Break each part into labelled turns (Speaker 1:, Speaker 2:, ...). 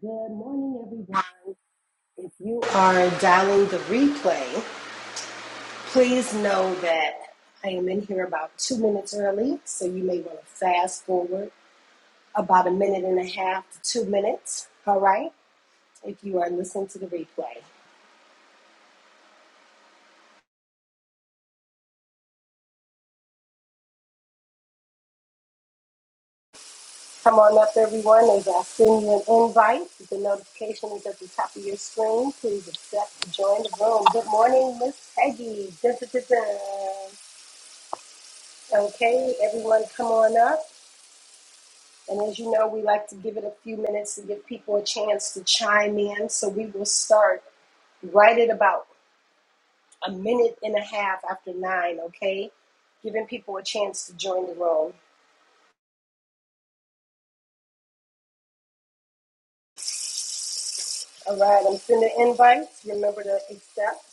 Speaker 1: Good morning, everyone. If you are dialing the replay, please know that I am in here about two minutes early, so you may want to fast forward about a minute and a half to two minutes, all right? If you are listening to the replay, come on up, everyone. As I send you an invite, the notification is at the top of your screen. Please accept to join the room. Good morning, Miss Peggy. Dun, dun, dun, dun. Okay, everyone, come on up. And as you know, we like to give it a few minutes to give people a chance to chime in. So we will start right at about a minute and a half after nine, okay? Giving people a chance to join the room. All right, I'm sending invites. Remember to accept.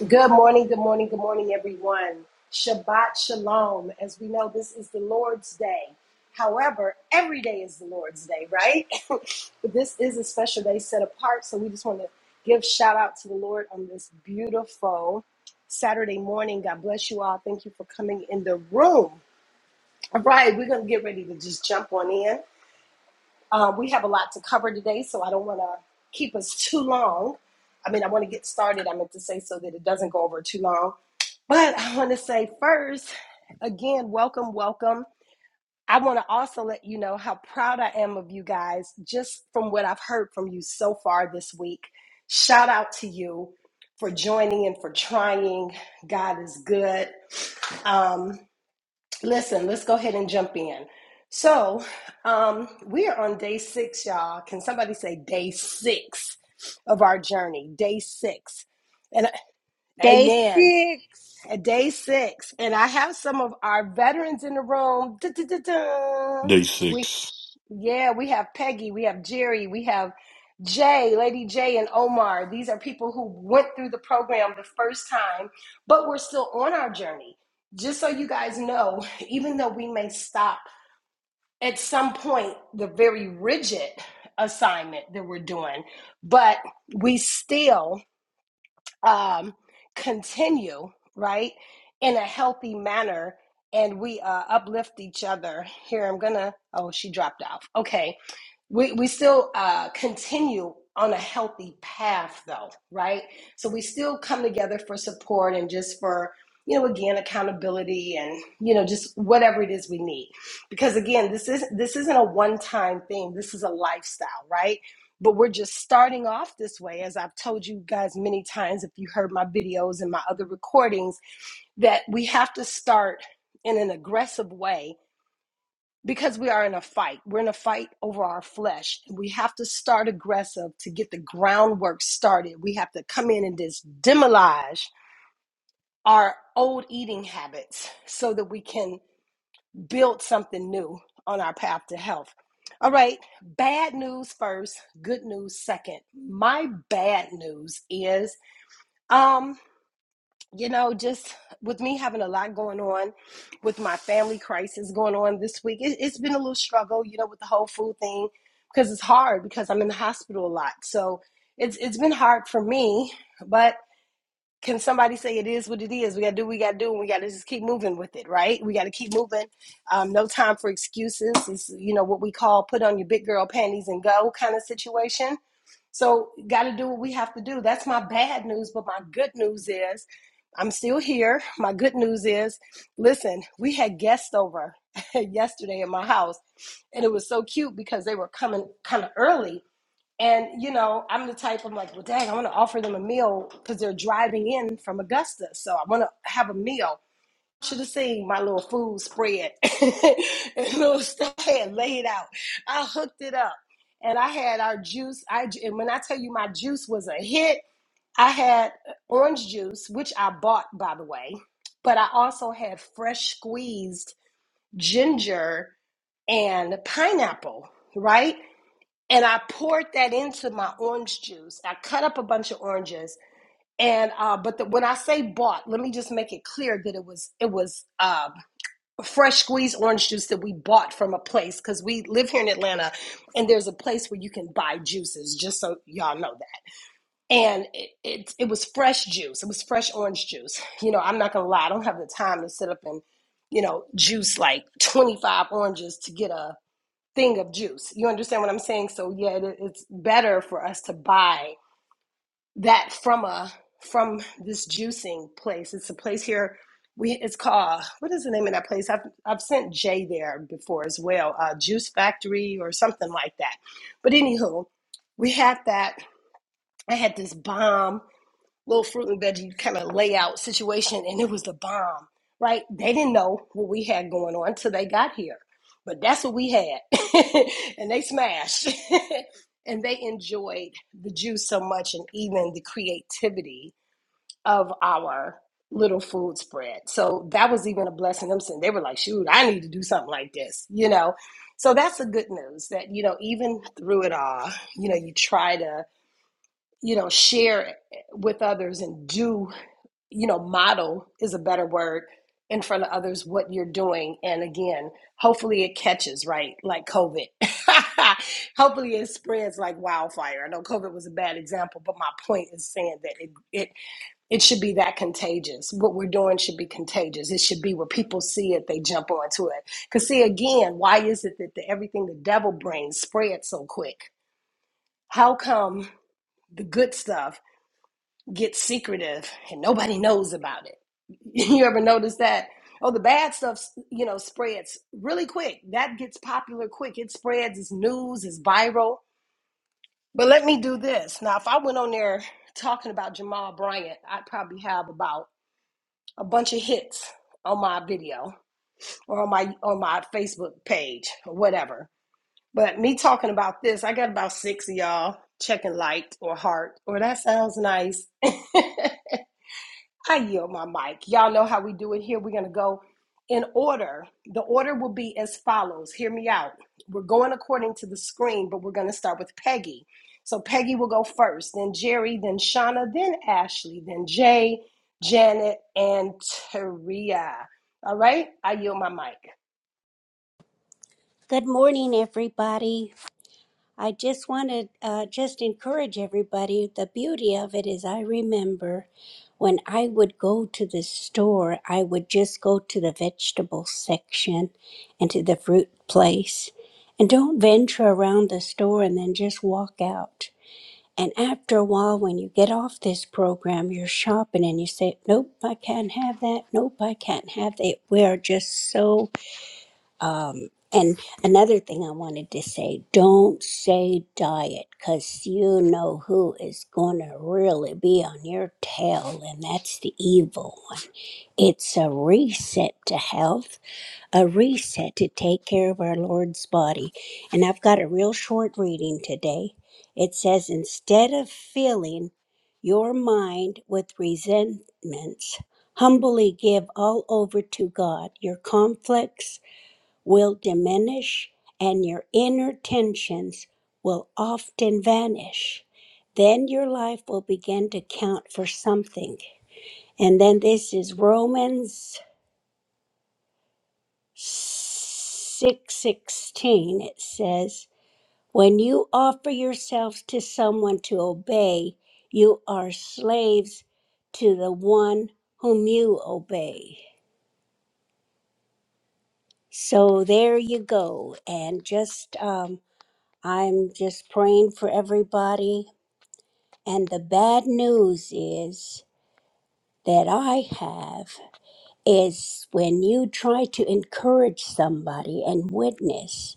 Speaker 1: Good morning, good morning, good morning, everyone. Shabbat Shalom. As we know, this is the Lord's Day. However, every day is the Lord's Day, right? but this is a special day set apart. So we just want to give shout out to the Lord on this beautiful Saturday morning. God bless you all. Thank you for coming in the room. All right, we're going to get ready to just jump on in. Uh, we have a lot to cover today, so I don't want to keep us too long. I mean, I want to get started, I meant to say, so that it doesn't go over too long. But I want to say first, again, welcome, welcome. I want to also let you know how proud I am of you guys, just from what I've heard from you so far this week. Shout out to you for joining and for trying. God is good. Um, Listen, let's go ahead and jump in. So, um, we are on day six, y'all. Can somebody say day six of our journey? Day six. And
Speaker 2: Day
Speaker 1: amen.
Speaker 2: six.
Speaker 1: At Day six. And I have some of our veterans in the room. Da-da-da-da.
Speaker 3: Day six.
Speaker 1: Yeah, we have Peggy, we have Jerry, we have Jay, Lady Jay, and Omar. These are people who went through the program the first time, but we're still on our journey. Just so you guys know, even though we may stop at some point the very rigid assignment that we're doing, but we still um, continue, right, in a healthy manner. And we uh, uplift each other. Here, I'm gonna. Oh, she dropped off. Okay we we still uh, continue on a healthy path though right so we still come together for support and just for you know again accountability and you know just whatever it is we need because again this is this isn't a one time thing this is a lifestyle right but we're just starting off this way as i've told you guys many times if you heard my videos and my other recordings that we have to start in an aggressive way because we are in a fight. We're in a fight over our flesh. We have to start aggressive to get the groundwork started. We have to come in and just demolish our old eating habits so that we can build something new on our path to health. All right, bad news first, good news second. My bad news is um. You know, just with me having a lot going on, with my family crisis going on this week, it, it's been a little struggle, you know, with the whole food thing because it's hard because I'm in the hospital a lot. So it's it's been hard for me, but can somebody say it is what it is? We got to do what we got to do. And we got to just keep moving with it, right? We got to keep moving. Um, no time for excuses. It's, you know, what we call put on your big girl panties and go kind of situation so, got to do what we have to do. That's my bad news, but my good news is I'm still here. My good news is listen, we had guests over yesterday at my house, and it was so cute because they were coming kind of early. And, you know, I'm the type, I'm like, well, dang, I want to offer them a meal because they're driving in from Augusta. So, I want to have a meal want you to seen my little food spread and little stuff I had laid out. I hooked it up and I had our juice. I and when I tell you my juice was a hit, I had orange juice, which I bought by the way, but I also had fresh squeezed ginger and pineapple, right? And I poured that into my orange juice. I cut up a bunch of oranges and uh, but the, when I say bought, let me just make it clear that it was it was uh, fresh squeezed orange juice that we bought from a place because we live here in Atlanta and there's a place where you can buy juices, just so y'all know that. And it, it, it was fresh juice, it was fresh orange juice. You know, I'm not gonna lie, I don't have the time to sit up and, you know, juice like 25 oranges to get a thing of juice. You understand what I'm saying? So, yeah, it, it's better for us to buy that from a from this juicing place. It's a place here. We it's called uh, what is the name of that place? I've I've sent Jay there before as well. Uh, Juice Factory or something like that. But anywho, we had that. I had this bomb little fruit and veggie kind of layout situation, and it was the bomb, right? They didn't know what we had going on till they got here, but that's what we had, and they smashed, and they enjoyed the juice so much, and even the creativity of our little food spread. So that was even a blessing. Them saying they were like, "Shoot, I need to do something like this," you know. So that's the good news that you know, even through it all, you know, you try to you know share it with others and do you know, model is a better word in front of others what you're doing. And again, hopefully it catches, right? Like COVID. hopefully it spreads like wildfire. I know COVID was a bad example, but my point is saying that it, it it should be that contagious. What we're doing should be contagious. It should be where people see it, they jump onto it. Cause see again, why is it that the, everything the devil brings spreads so quick? How come the good stuff gets secretive and nobody knows about it. You ever notice that? Oh, the bad stuff, you know, spreads really quick. That gets popular quick. It spreads, it's news, it's viral. But let me do this. Now, if I went on there talking about Jamal Bryant, I'd probably have about a bunch of hits on my video or on my on my Facebook page or whatever. But me talking about this, I got about six of y'all checking liked or heart or that sounds nice. I yield my mic. Y'all know how we do it here. We're going to go in order. The order will be as follows. Hear me out. We're going according to the screen, but we're going to start with Peggy. So Peggy will go first, then Jerry, then Shauna, then Ashley, then Jay, Janet, and Taria. All right, I yield my mic.
Speaker 2: Good morning, everybody. I just want to uh, just encourage everybody. The beauty of it is, I remember when I would go to the store, I would just go to the vegetable section and to the fruit place and don't venture around the store and then just walk out. And after a while, when you get off this program, you're shopping and you say, Nope, I can't have that. Nope, I can't have that. We are just so Um, and another thing I wanted to say don't say diet because you know who is going to really be on your tail, and that's the evil one. It's a reset to health, a reset to take care of our Lord's body. And I've got a real short reading today. It says, instead of filling your mind with resentments, humbly give all over to God your conflicts will diminish and your inner tensions will often vanish. Then your life will begin to count for something. And then this is Romans 6:16 it says, "When you offer yourselves to someone to obey, you are slaves to the one whom you obey." So there you go. And just um I'm just praying for everybody. And the bad news is that I have is when you try to encourage somebody and witness,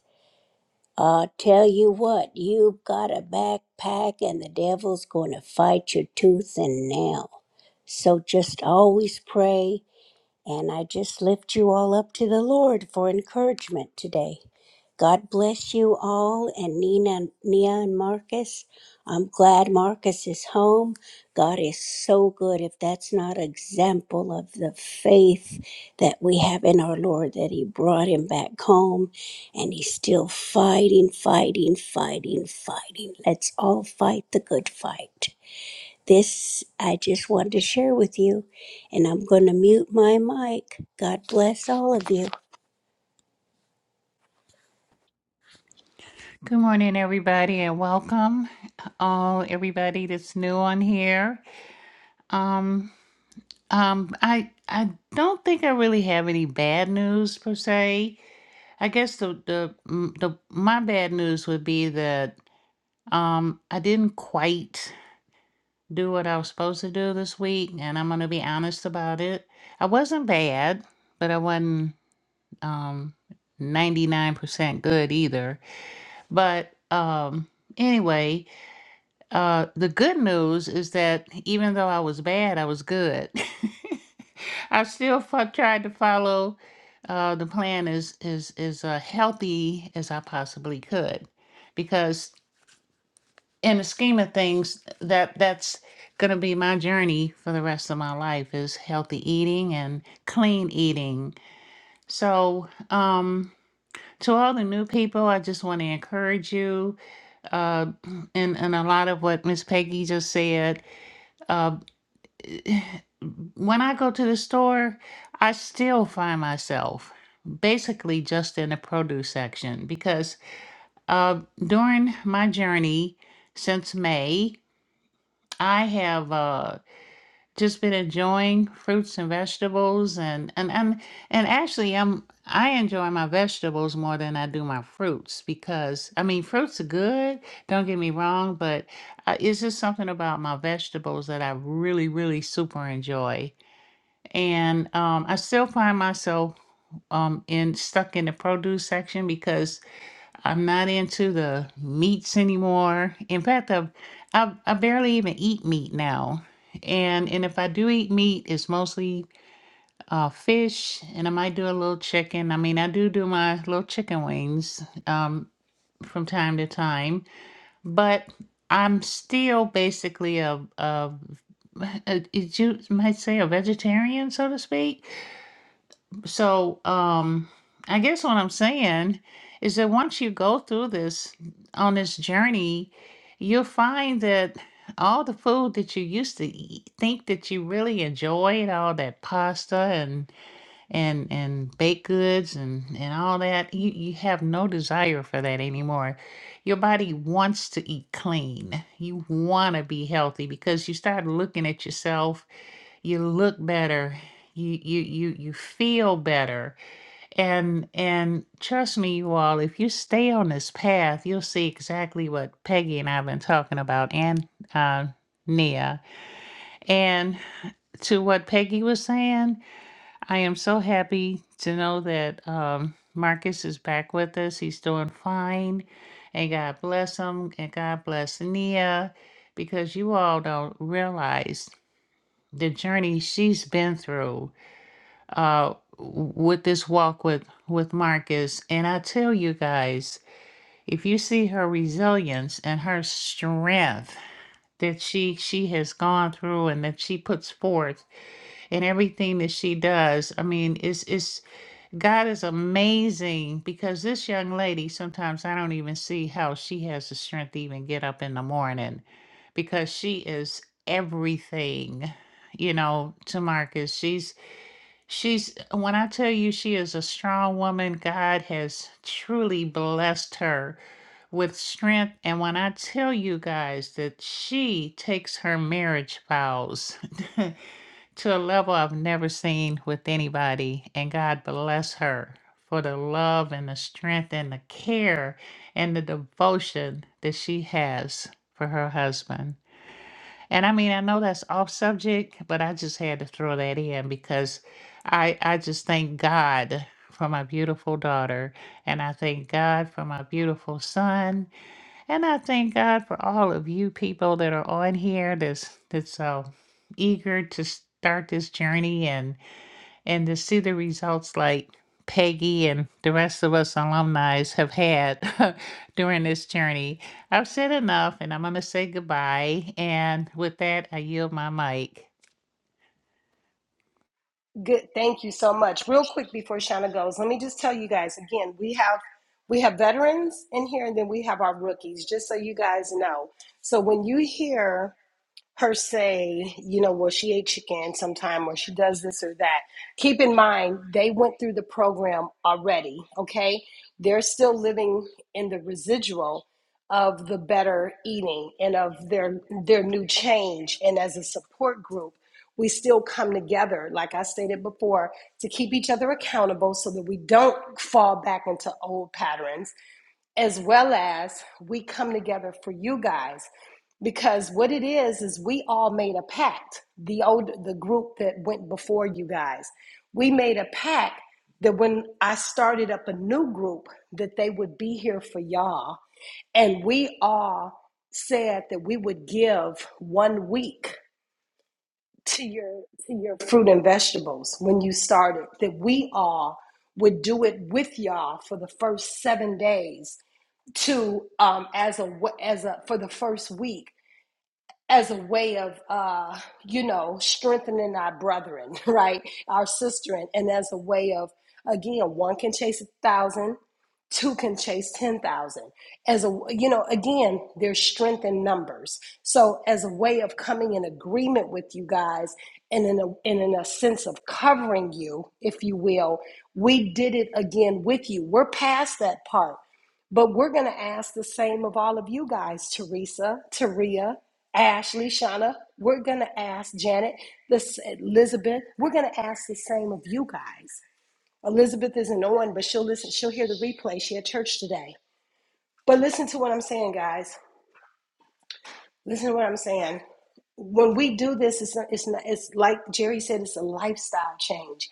Speaker 2: uh, tell you what, you've got a backpack and the devil's going to fight your tooth and nail. So just always pray And I just lift you all up to the Lord for encouragement today. God bless you all and Nina, Nia and Marcus. I'm glad Marcus is home. God is so good. If that's not an example of the faith that we have in our Lord, that He brought him back home and He's still fighting, fighting, fighting, fighting. Let's all fight the good fight. This I just wanted to share with you, and I'm going to mute my mic. God bless all of you.
Speaker 4: Good morning, everybody, and welcome all everybody that's new on here. Um, um, I I don't think I really have any bad news per se. I guess the the mm, the my bad news would be that um I didn't quite do what I was supposed to do this week, and I'm gonna be honest about it. I wasn't bad, but I wasn't um 99% good either. But um anyway. Uh, the good news is that even though I was bad, I was good. I still fo- tried to follow uh, the plan as as as uh, healthy as I possibly could, because in the scheme of things, that that's going to be my journey for the rest of my life is healthy eating and clean eating. So, um, to all the new people, I just want to encourage you, uh, and and a lot of what Miss Peggy just said. Uh, when I go to the store, I still find myself basically just in the produce section because uh, during my journey since May, I have uh, just been enjoying fruits and vegetables, and and and and actually, I'm I enjoy my vegetables more than I do my fruits because I mean fruits are good. Don't get me wrong, but uh, it's just something about my vegetables that I really, really super enjoy and um, I still find myself um, in stuck in the produce section because I'm not into the meats anymore. In fact, I've, I've I barely even eat meat now, and and if I do eat meat, it's mostly uh, fish, and I might do a little chicken. I mean, I do do my little chicken wings um, from time to time, but I'm still basically a, a, a, you might say a vegetarian, so to speak so um i guess what i'm saying is that once you go through this on this journey you'll find that all the food that you used to eat, think that you really enjoyed all that pasta and and and baked goods and and all that you you have no desire for that anymore your body wants to eat clean you want to be healthy because you start looking at yourself you look better you you you you feel better and and trust me, you all, if you stay on this path, you'll see exactly what Peggy and I've been talking about and uh Nia. And to what Peggy was saying, I am so happy to know that um Marcus is back with us. He's doing fine. And God bless him and God bless Nia because you all don't realize the journey she's been through uh with this walk with with Marcus and I tell you guys if you see her resilience and her strength that she she has gone through and that she puts forth and everything that she does I mean it's it's God is amazing because this young lady sometimes I don't even see how she has the strength to even get up in the morning because she is everything you know to Marcus she's She's when I tell you she is a strong woman, God has truly blessed her with strength. And when I tell you guys that she takes her marriage vows to a level I've never seen with anybody, and God bless her for the love and the strength and the care and the devotion that she has for her husband. And I mean, I know that's off subject, but I just had to throw that in because I I just thank God for my beautiful daughter, and I thank God for my beautiful son, and I thank God for all of you people that are on here that's that's so eager to start this journey and and to see the results like Peggy and the rest of us alumni have had during this journey. I've said enough and I'm going to say goodbye. And with that, I yield my mic.
Speaker 1: Good, thank you so much. Real quick before Shauna goes, let me just tell you guys again, we have we have veterans in here and then we have our rookies, just so you guys know. So when you hear her say, you know, well, she ate chicken sometime or she does this or that. Keep in mind, they went through the program already, okay? They're still living in the residual of the better eating and of their their new change and as a support group we still come together like i stated before to keep each other accountable so that we don't fall back into old patterns as well as we come together for you guys because what it is is we all made a pact the old the group that went before you guys we made a pact that when i started up a new group that they would be here for y'all and we all said that we would give one week to your to your fruit and vegetables when you started that we all would do it with y'all for the first 7 days to um, as a as a for the first week as a way of uh, you know strengthening our brethren, right, our sisterin, and as a way of again one can chase a thousand, two can chase ten thousand. As a you know again, there's strength in numbers. So as a way of coming in agreement with you guys. And in, a, and in a sense of covering you, if you will, we did it again with you. We're past that part but we're going to ask the same of all of you guys, Teresa, Taria, Ashley, Shauna. We're going to ask Janet, this Elizabeth. We're going to ask the same of you guys. Elizabeth isn't on, but she'll listen. She'll hear the replay. She at church today. But listen to what I'm saying, guys. Listen to what I'm saying. When we do this, it's not, it's, not, it's like Jerry said, it's a lifestyle change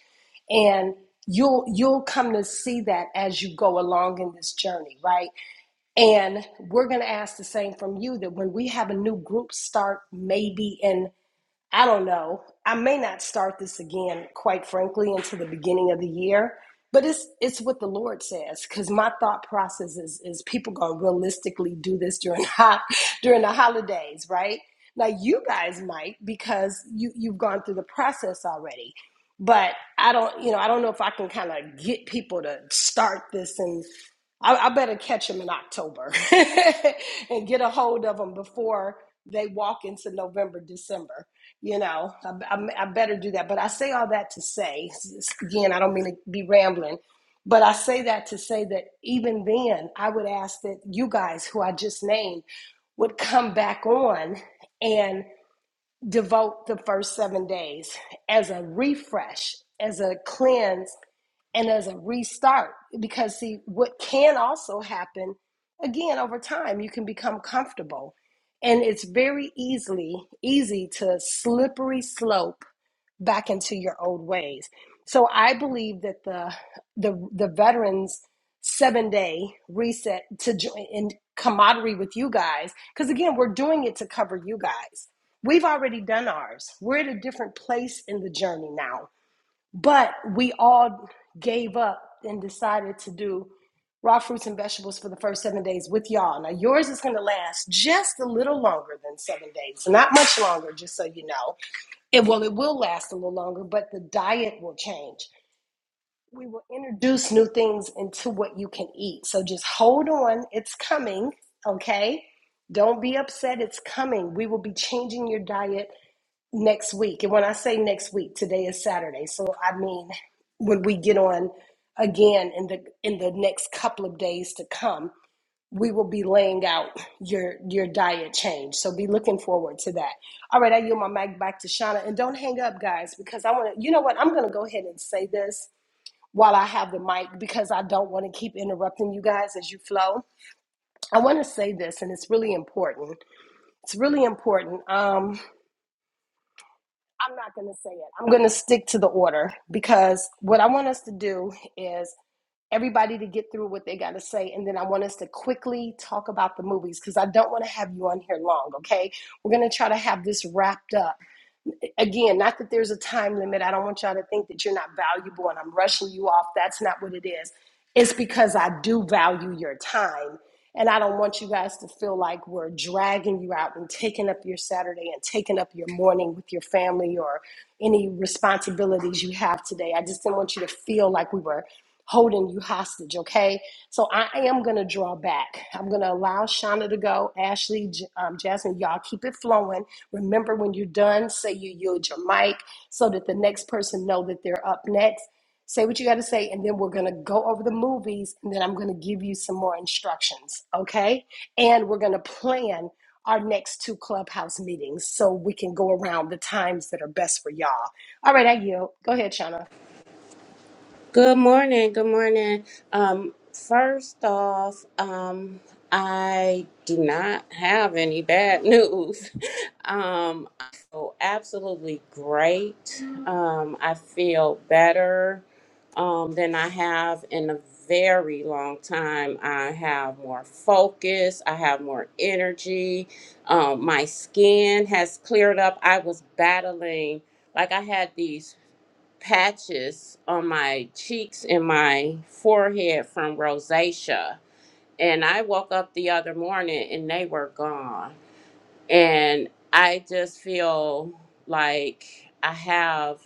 Speaker 1: and you'll you'll come to see that as you go along in this journey right And we're going to ask the same from you that when we have a new group start, maybe in, I don't know, I may not start this again, quite frankly, until the beginning of the year. But it's it's what the Lord says, because my thought process is is people gonna realistically do this during hot during the holidays, right? Now you guys might because you you've gone through the process already but I don't, you know, I don't know if I can kind of get people to start this and I, I better catch them in October and get a hold of them before they walk into November, December. You know, I, I, I better do that. But I say all that to say, again, I don't mean to be rambling, but I say that to say that even then, I would ask that you guys who I just named would come back on and devote the first seven days as a refresh, as a cleanse and as a restart because see what can also happen again over time you can become comfortable and it's very easily easy to slippery slope back into your old ways so i believe that the the, the veterans seven day reset to join in camaraderie with you guys because again we're doing it to cover you guys we've already done ours we're at a different place in the journey now but we all gave up and decided to do raw fruits and vegetables for the first seven days with y'all. Now, yours is going to last just a little longer than seven days, not much longer, just so you know. It will. it will last a little longer, but the diet will change. We will introduce new things into what you can eat. So just hold on, it's coming, okay? Don't be upset, it's coming. We will be changing your diet next week. And when I say next week, today is Saturday. So I mean when we get on again in the in the next couple of days to come, we will be laying out your your diet change. So be looking forward to that. All right, I yield my mic back to Shauna. And don't hang up, guys, because I want to you know what? I'm gonna go ahead and say this while I have the mic because I don't want to keep interrupting you guys as you flow. I want to say this and it's really important. It's really important. Um I'm not going to say it. I'm going to stick to the order because what I want us to do is everybody to get through what they got to say. And then I want us to quickly talk about the movies because I don't want to have you on here long, okay? We're going to try to have this wrapped up again, not that there's a time limit. I don't want y'all to think that you're not valuable and I'm rushing you off. That's not what it is. It's because I do value your time. And I don't want you guys to feel like we're dragging you out and taking up your Saturday and taking up your morning with your family or any responsibilities you have today. I just didn't want you to feel like we were holding you hostage, okay? So I am going to draw back. I'm going to allow Shauna to go. Ashley, J- um, Jasmine, y'all keep it flowing. Remember, when you're done, say you yield your mic so that the next person know that they're up next. Say what you got to say, and then we're going to go over the movies, and then I'm going to give you some more instructions, okay? And we're going to plan our next two clubhouse meetings so we can go around the times that are best for y'all. All right, I yield. Go ahead, Shauna.
Speaker 5: Good morning. Good morning. Um, first off, um, I do not have any bad news. Um, I feel absolutely great. Um, I feel better um, than I have in a very long time. I have more focus. I have more energy. Um, my skin has cleared up. I was battling like I had these patches on my cheeks and my forehead from rosacea. And I woke up the other morning and they were gone. And I just feel like I have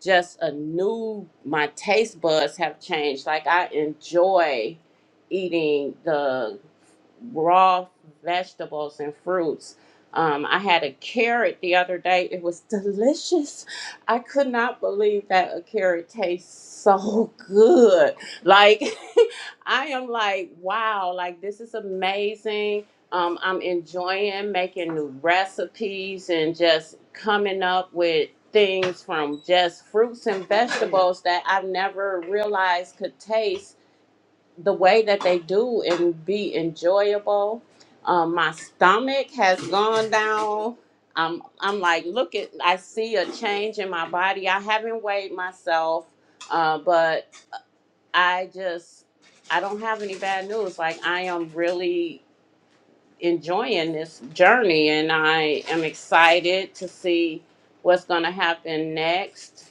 Speaker 5: just a new my taste buds have changed like i enjoy eating the raw vegetables and fruits um, i had a carrot the other day it was delicious i could not believe that a carrot tastes so good like i am like wow like this is amazing um, i'm enjoying making new recipes and just coming up with things from just fruits and vegetables that I've never realized could taste the way that they do and be enjoyable. Um, my stomach has gone down. I'm I'm like, look at I see a change in my body. I haven't weighed myself, uh, but I just I don't have any bad news. Like I am really enjoying this journey and I am excited to see what's gonna happen next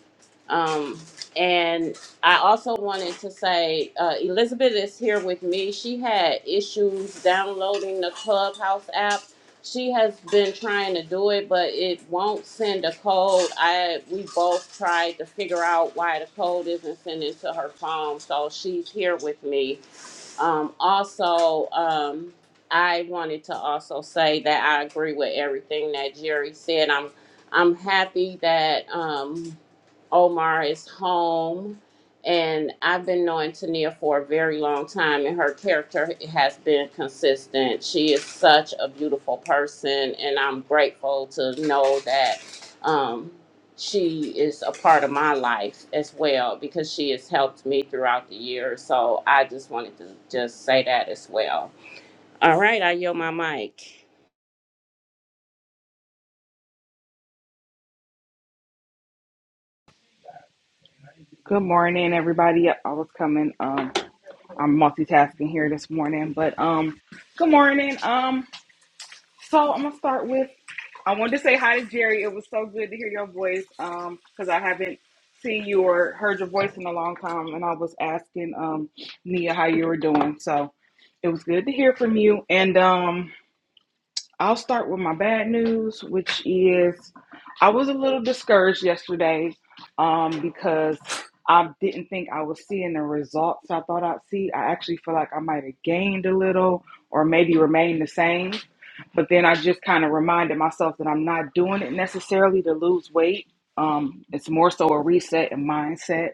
Speaker 5: um, and I also wanted to say uh, Elizabeth is here with me. She had issues downloading the Clubhouse app. She has been trying to do it, but it won't send a code. I we both tried to figure out why the code isn't sending to her phone, so she's here with me. Um, also, um, I wanted to also say that I agree with everything that Jerry said. I'm I'm happy that um, Omar is home. And I've been knowing Tania for a very long time, and her character has been consistent. She is such a beautiful person, and I'm grateful to know that um, she is a part of my life as well because she has helped me throughout the years. So I just wanted to just say that as well. All right, I yield my mic.
Speaker 6: Good morning, everybody. Yep, I was coming. Um, I'm multitasking here this morning, but um, good morning. Um, so I'm gonna start with. I wanted to say hi to Jerry. It was so good to hear your voice. Um, because I haven't seen you or heard your voice in a long time, and I was asking um Nia how you were doing. So it was good to hear from you. And um, I'll start with my bad news, which is I was a little discouraged yesterday um, because I didn't think I was seeing the results I thought I'd see. I actually feel like I might have gained a little or maybe remained the same. But then I just kind of reminded myself that I'm not doing it necessarily to lose weight. Um, it's more so a reset and mindset,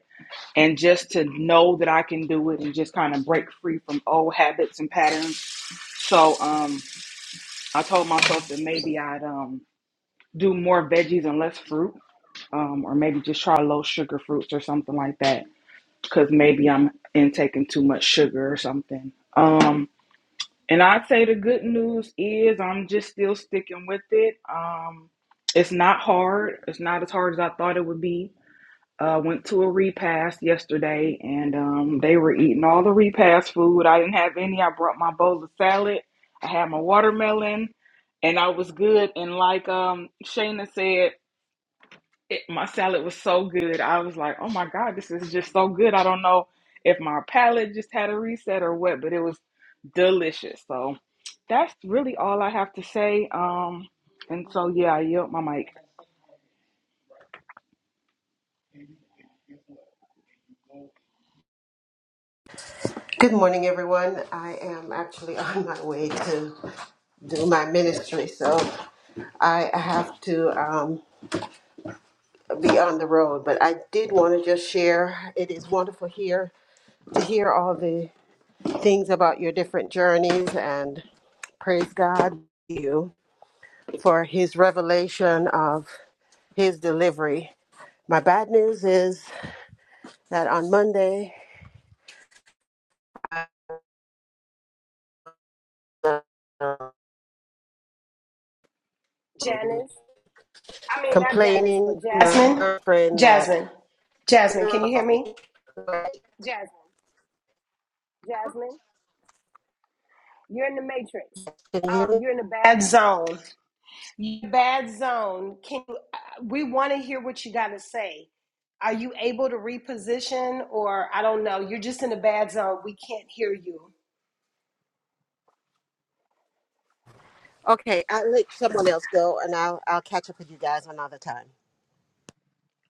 Speaker 6: and just to know that I can do it and just kind of break free from old habits and patterns. So, um, I told myself that maybe I'd um do more veggies and less fruit, um, or maybe just try low sugar fruits or something like that, because maybe I'm intaking too much sugar or something. Um, and I'd say the good news is I'm just still sticking with it. Um, it's not hard. It's not as hard as I thought it would be uh, went to a repast yesterday and um, they were eating all the repast food. I didn't have any. I brought my bowl of salad. I had my watermelon and I was good. And like um, Shayna said, it, my salad was so good. I was like, oh my God, this is just so good. I don't know if my palate just had a reset or what, but it was delicious. So that's really all I have to say. Um, and so, yeah, I yield my mic.
Speaker 7: Good morning, everyone. I am actually on my way to do my ministry, so I have to um, be on the road. But I did want to just share. It is wonderful here to hear all the things about your different journeys, and praise God you for His revelation of His delivery. My bad news is that on Monday. I, um,
Speaker 1: Janice. I mean, not Janice, but
Speaker 7: complaining to my
Speaker 1: Jasmine.
Speaker 7: girlfriend that
Speaker 1: Jasmine. Jasmine, can you hear me?
Speaker 7: Can
Speaker 1: Jasmine. Jasmine, you're in the matrix.
Speaker 7: you hear me?
Speaker 1: Um, you're in the bad zone. You- Bad zone. Can you, uh, we want to hear what you got to say? Are you able to reposition, or I don't know? You're just in the bad zone. We can't hear you.
Speaker 7: Okay, I'll let someone else go, and I'll I'll catch up with you guys another time.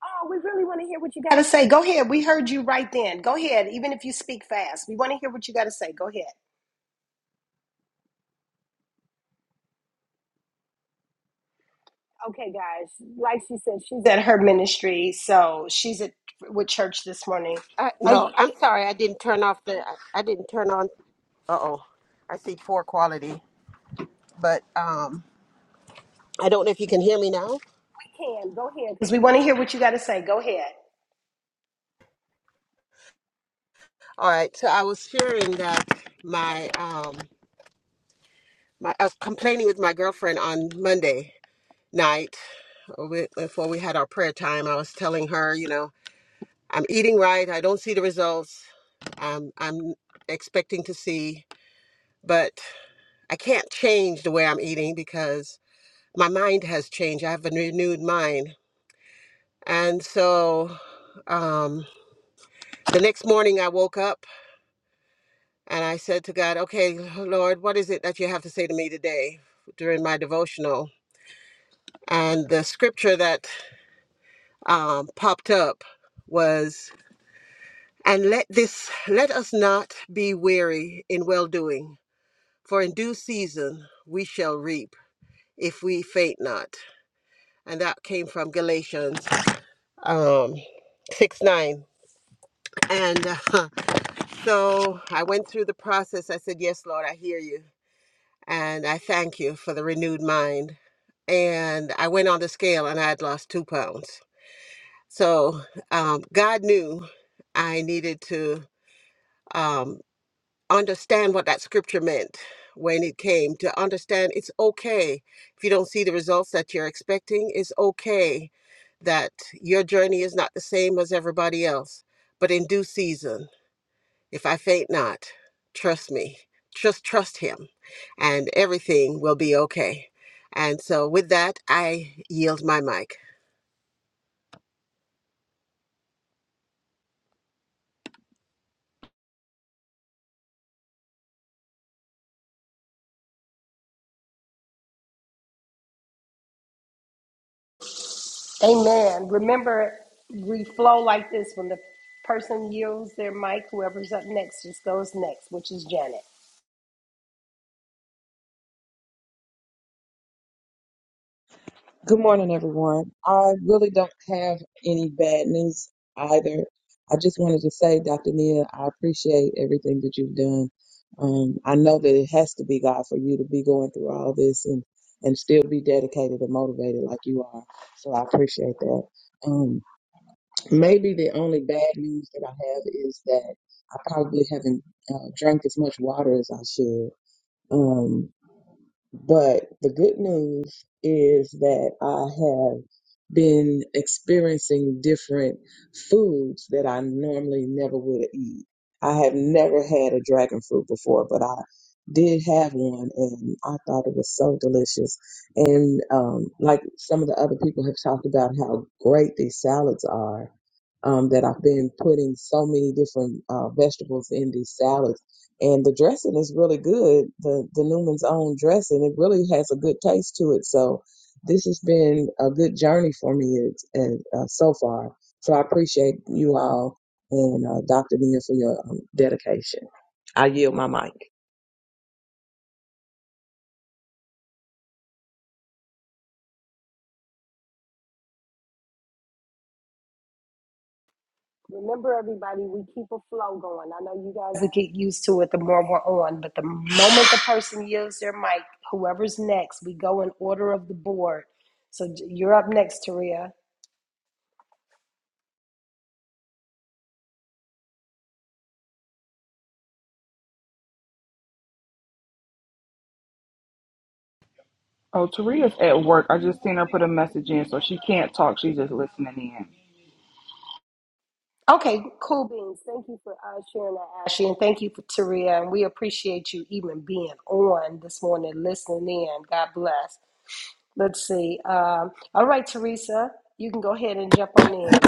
Speaker 1: Oh, we really want to hear what you got to say. Go ahead. We heard you right then. Go ahead. Even if you speak fast, we want to hear what you got to say. Go ahead. Okay, guys. Like she said, she's at her ministry, so she's at with church this morning.
Speaker 7: Uh,
Speaker 1: Oh,
Speaker 7: no,
Speaker 1: you
Speaker 7: I'm sorry, I didn't turn off the. I, I didn't turn on. Uh oh, I see poor quality, but um, I don't know if you can hear me now.
Speaker 1: can go ahead because we want to hear what you got to say. Go ahead.
Speaker 7: All right, so I was sharing that my um my I was complaining with my girlfriend on Monday night uh, we- before we had our prayer time. I was telling her, you know. I'm eating right. I don't see the results I'm, I'm expecting to see, but I can't change the way I'm eating because my mind has changed. I have a renewed mind. And so um, the next morning I woke up and I said to God, okay, Lord, what is it that you have to say to me today during my devotional? And the scripture that um, popped up was, and let this, let us not be weary in well doing For in due season we shall reap if we faint not. And that came from Galatians um, 6 9. And uh, so I went through the process. I said, Yes, Lord, I hear you. And I thank you for the renewed mind. And I went on the scale and I had lost two pounds. So um, God knew I needed to. um, understand what that scripture meant when it came to understand it's okay if you don't see the results that you're expecting it's okay that your journey is not the same as everybody else but in due season if i faint not trust me just trust him and everything will be okay and so with that i yield my mic
Speaker 1: Amen. Remember, we flow like this when the person yields their mic. Whoever's up next just goes next, which is Janet.
Speaker 8: Good morning, everyone. I really don't have any bad news either. I just wanted to say, Dr. Nia, I appreciate everything that you've done. Um, I know that it has to be God for you to be going through all this and, and still be dedicated and motivated like you are. So I appreciate that. Um, maybe the only bad news that I have is that I probably haven't uh, drank as much water as I should. Um, but the good news is that I have been experiencing different foods that I normally never would eat. I have never had a dragon fruit before, but I did have one and I thought it was so delicious. And um, like some of the other people have talked about how great these salads are. Um, that I've been putting so many different uh, vegetables in these salads and the dressing is really good. The the Newman's own dressing, it really has a good taste to it. So this has been a good journey for me it's, and uh, so far. So I appreciate you all and uh, Dr. Mia for your um, dedication. I yield my mic.
Speaker 1: Remember, everybody, we keep a flow going. I know you guys will get used to it the more we're on, but the moment the person yields their mic, whoever's next, we go in order of the board. So j- you're up next, Taria.
Speaker 6: Oh, Taria's at work. I just seen her put a message in, so she can't talk. She's just listening in.
Speaker 1: Okay, cool beans. Thank you for uh, sharing that, Ashley, and thank you for Taria. And we appreciate you even being on this morning, listening in. God bless. Let's see. Um, all right, Teresa, you can go ahead and jump on in.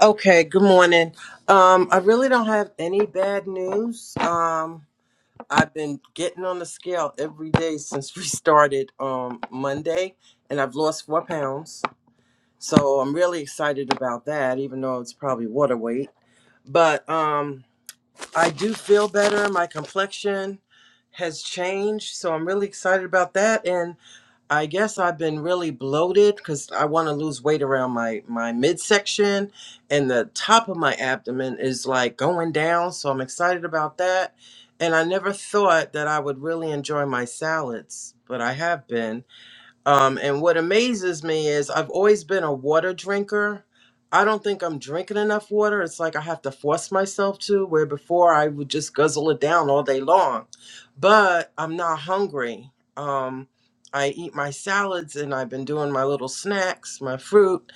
Speaker 9: Okay, good morning. Um, I really don't have any bad news. Um, I've been getting on the scale every day since we started um, Monday, and I've lost four pounds. So I'm really excited about that, even though it's probably water weight. But um, I do feel better. My complexion has changed, so I'm really excited about that. And I guess I've been really bloated because I want to lose weight around my my midsection, and the top of my abdomen is like going down. So I'm excited about that. And I never thought that I would really enjoy my salads, but I have been. Um, and what amazes me is I've always been a water drinker. I don't think I'm drinking enough water. It's like I have to force myself to, where before I would just guzzle it down all day long. But I'm not hungry. Um, I eat my salads and I've been doing my little snacks, my fruit,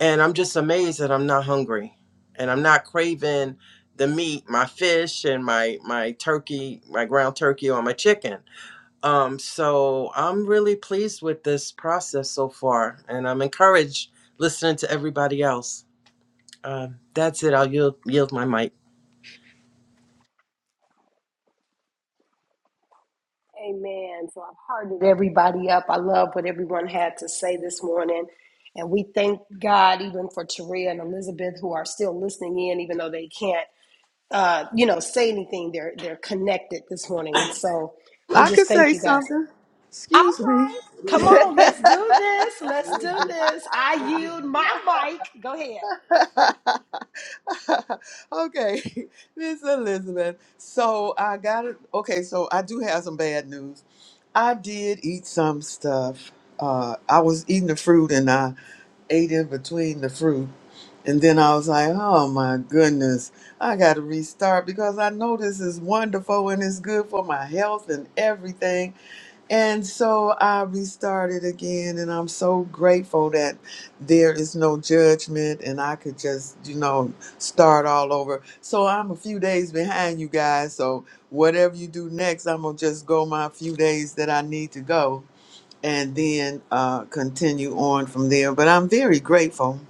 Speaker 9: and I'm just amazed that I'm not hungry and I'm not craving the meat, my fish, and my my turkey, my ground turkey or my chicken. Um, so I'm really pleased with this process so far, and I'm encouraged listening to everybody else. Um, that's it. I'll yield, yield my mic.
Speaker 1: Amen. So I've hardened everybody up. I love what everyone had to say this morning. And we thank God even for Taria and Elizabeth who are still listening in, even though they can't, uh, you know, say anything. They're they're connected this morning. So we
Speaker 5: I
Speaker 1: just
Speaker 5: could
Speaker 1: thank
Speaker 5: say
Speaker 1: you guys.
Speaker 5: something.
Speaker 1: All
Speaker 5: Excuse me.
Speaker 1: right. Come on, let's do this. Let's do this. I yield my mic. Go ahead.
Speaker 5: okay, Miss Elizabeth. So I got it. Okay, so I do have some bad news. I did eat some stuff. Uh, I was eating the fruit and I ate in between the fruit. And then I was like, oh my goodness, I got to restart because I know this is wonderful and it's good for my health and everything and so I restarted again, and I'm so grateful that there is no judgment and I could just, you know, start all over. So I'm a few days behind you guys. So whatever you do next, I'm going to just go my few days that I need to go and then uh, continue on from there. But I'm very grateful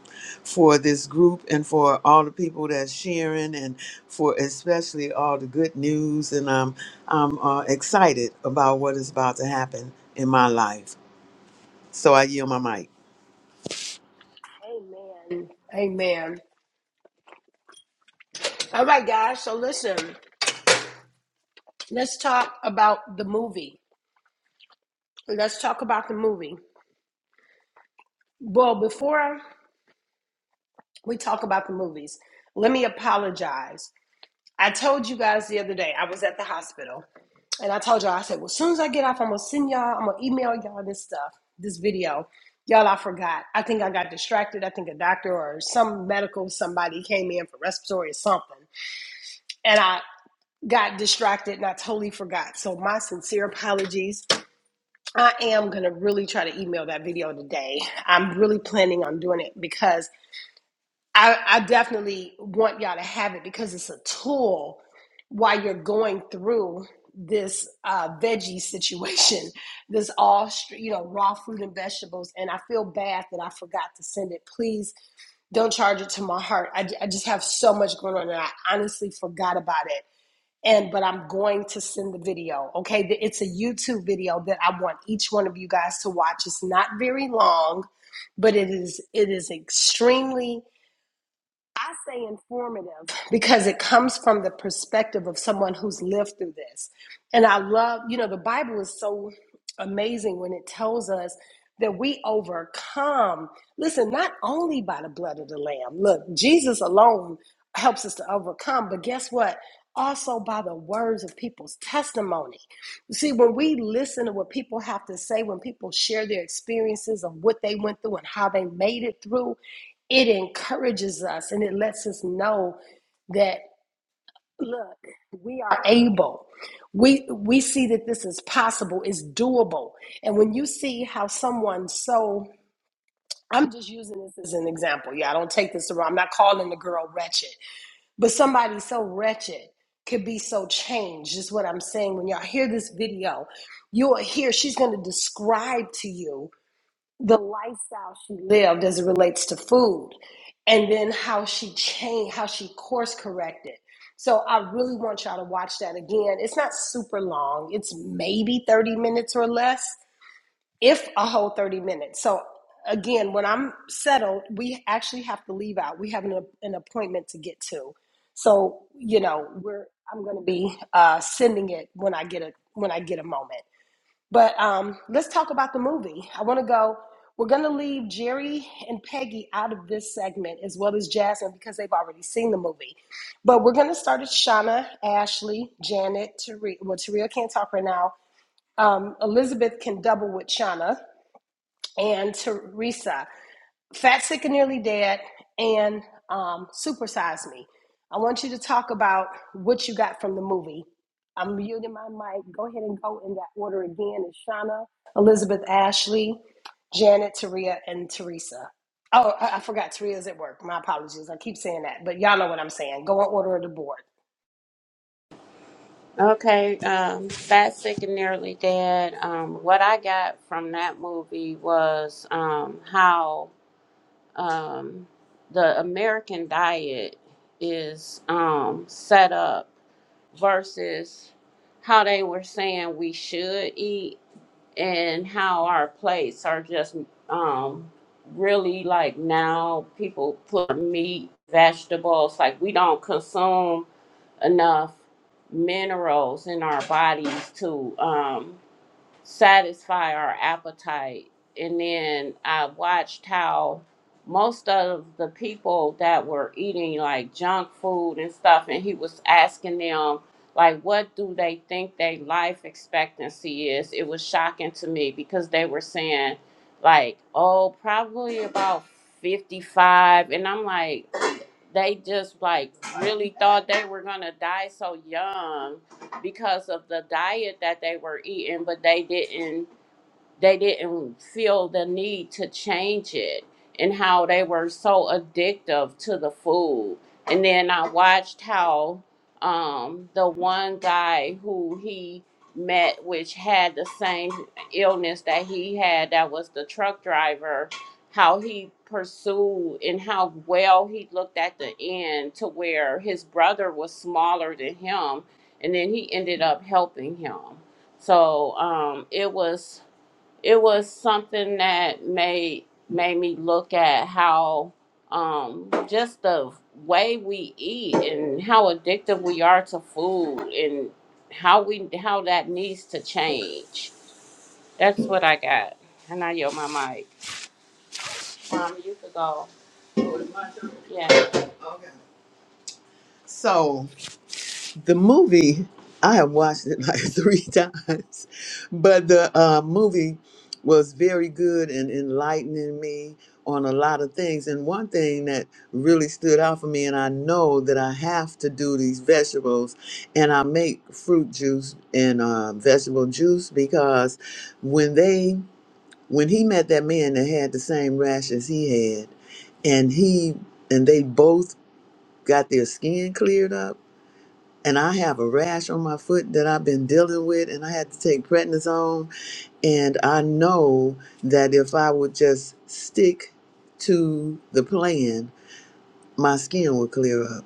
Speaker 5: for this group and for all the people that's sharing and for especially all the good news. And I'm I'm uh, excited about what is about to happen in my life. So I yield my mic.
Speaker 1: Amen. All right, guys. So listen, let's talk about the movie. Let's talk about the movie. Well, before we talk about the movies, let me apologize. I told you guys the other day I was at the hospital And I told y'all, I said, well, as soon as I get off, I'm gonna send y'all, I'm gonna email y'all this stuff, this video. Y'all, I forgot. I think I got distracted. I think a doctor or some medical somebody came in for respiratory or something. And I got distracted and I totally forgot. So my sincere apologies. I am gonna really try to email that video today. I'm really planning on doing it because I, I definitely want y'all to have it because it's a tool while you're going through this uh, veggie situation, this all you know raw fruit and vegetables. And I feel bad that I forgot to send it. Please don't charge it to my heart. I I just have so much going on, and I honestly forgot about it. And but I'm going to send the video. Okay, it's a YouTube video that I want each one of you guys to watch. It's not very long, but it is it is extremely I say informative because it comes from the perspective of someone who's lived through this. And I love, you know, the Bible is so amazing when it tells us that we overcome. Listen, not only by the blood of the Lamb. Look, Jesus alone helps us to overcome, but guess what? Also by the words of people's testimony. You see, when we listen to what people have to say, when people share their experiences of what they went through and how they made it through, it encourages us and it lets us know that look we are able we we see that this is possible it's doable and when you see how someone so i'm just using this as an example yeah i don't take this around i'm not calling the girl wretched but somebody so wretched could be so changed is what i'm saying when y'all hear this video you'll hear she's going to describe to you the. lived as it relates to food and then how she changed how she course corrected so i really want y'all to watch that again it's not super long it's maybe 30 minutes or less if a whole 30 minutes so again when i'm settled we actually have to leave out we have an, an appointment to get to so you know we're i'm going to be uh, sending it when i get a when i get a moment but um, let's talk about the movie. I want to go. We're going to leave Jerry and Peggy out of this segment, as well as Jasmine, because they've already seen the movie. But we're going to start at Shauna, Ashley, Janet, Taria. Well, Taria can't talk right now. Um, Elizabeth can double with Shauna and Teresa. Fat, Sick, and Nearly Dead, and um, Supersize Me. I want you to talk about what you got from the movie. I'm muting my mic. Go ahead and go in that order again. It's Shauna, Elizabeth Ashley, Janet, Taria, and Teresa. Oh, I, I forgot Taria's at work. My apologies. I keep saying that, but y'all know what I'm saying. Go in order of the board.
Speaker 5: Okay, um, Fat, Sick, and Nearly Dead. Um, what I got from that movie was um, how um, the American diet is um, set up versus how they were saying we should eat and how our plates are just um really like now people put meat vegetables like we don't consume enough minerals in our bodies to um satisfy our appetite. And then I watched how most of the people that were eating like junk food and stuff, and he was asking them, like, what do they think their life expectancy is? It was shocking to me because they were saying, like, oh, probably about 55. And I'm like, they just like really thought they were gonna die so young because of the diet that they were eating, but they didn't they didn't feel the need to change it and how they were so addictive to the food. And then I watched how um, the one guy who he met, which had the same illness that he had, that was the truck driver, how he pursued and how well he looked at the end to where his brother was smaller than him. And then he ended up helping him. So um, it was it was something that made made me look at how um just the way we eat and how addictive we are to food and how we how that needs to change. That's what I got. And I yield my mic. Mom, you could go. Yeah. So. the movie i have watched it like three times but the uh, movie was very good and enlightening me on a lot of things and one thing that really stood out for me and i know that i have to do these vegetables and i make fruit juice and uh, vegetable juice because when they when he met that man that had the same rash as he had and he and they both got their skin cleared up and I have a rash on my foot that I've been dealing with, and I had to take prednisone. And I know that if I would just stick to the plan, my skin would clear up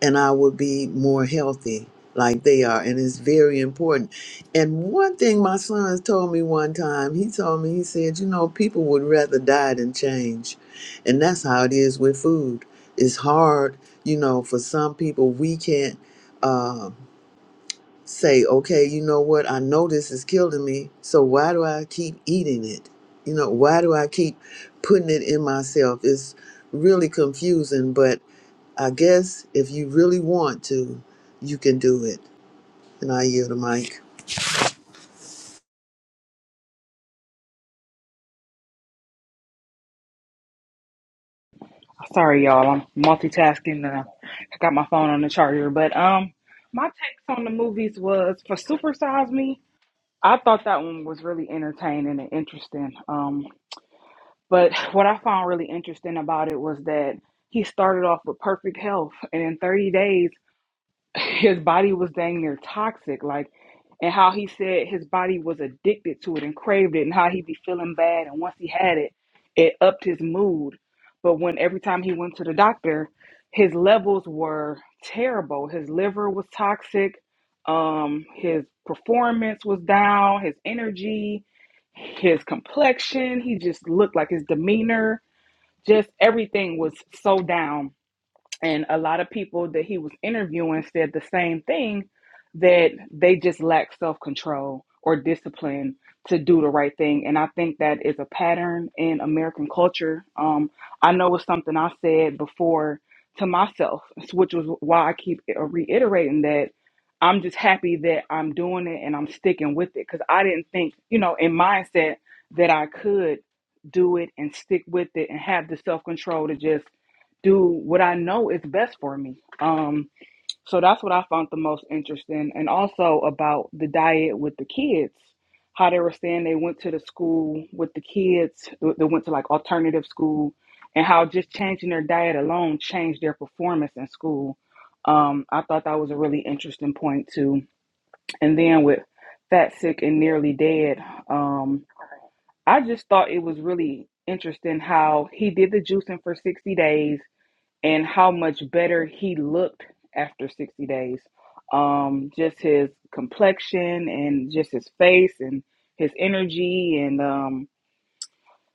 Speaker 5: and I would be more healthy like they are. And it's very important. And one thing my sons told me one time, he told me, he said, You know, people would rather die than change. And that's how it is with food. It's hard, you know, for some people, we can't. Um, say, okay, you know what? I know this is killing me. So why do I keep eating it? You know, why do I keep putting it in myself? It's really confusing, but I guess if you really want to, you can do it. And I yield the mic.
Speaker 6: Sorry, y'all. I'm multitasking. And I I got my phone on the charger. But um, my takes on the movies was for Super Size Me. I thought that one was really entertaining and interesting. Um, but what I found really interesting about it was that he started off with perfect health, and in 30 days his body was dang near toxic, like, and how he said his body was addicted to it and craved it, and how he'd be feeling bad, and once he had it, it upped his mood. But when every time he went to the doctor, his levels were terrible. His liver was toxic. Um, his performance was down. His energy, his complexion. He just looked like his demeanor. Just everything was so down and a lot of people that he was interviewing said the same thing that they just lack self control or discipline to do the right thing. And I think that is a pattern in American culture. Um, I know it's something I said before to myself, which was why I keep uh, reiterating that I'm just happy that I'm doing it and I'm sticking with it because I didn't think, you know, in mindset that I could do it and stick with it and have the self control to just do what I know is best for me. Um, so that's what I found the most interesting. And also about the diet with the kids, how they were saying they went to the school with the kids, they went to like alternative school, and how just changing their diet alone changed their performance in school. Um, I thought that was a really interesting point too. And then with fat, sick, and nearly dead, um, I just thought it was really interesting how he did the juicing for 60 days and how much better he looked after 60 days. Um, just his complexion and just his face and his energy and um,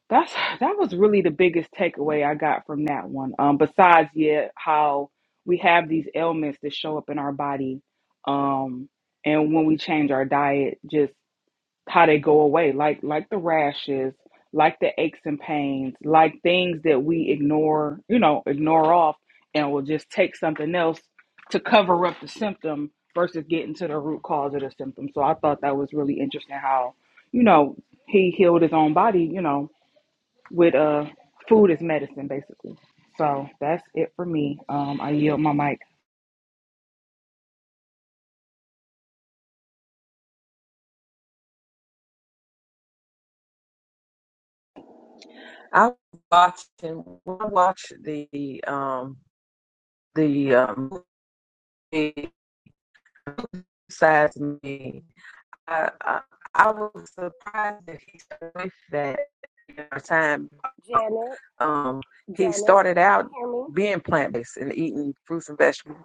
Speaker 6: that's that was really the biggest takeaway I got from that one. Um, besides, yeah, how we have these ailments that show up in our body, um, and when we change our diet, just how they go away like like the rashes like the aches and pains like things that we ignore you know ignore off and will just take something else to cover up the symptom versus getting to the root cause of the symptom so i thought that was really interesting how you know he healed his own body you know with uh food as medicine basically so that's it for me um i yield my mic
Speaker 8: I watched and I watched the um the um movie besides me. I, I I was surprised that he stuck with that at the time
Speaker 1: Janet,
Speaker 8: Um, he
Speaker 1: Janet, can
Speaker 8: started out
Speaker 1: you hear me?
Speaker 8: being plant based and eating fruits and vegetables.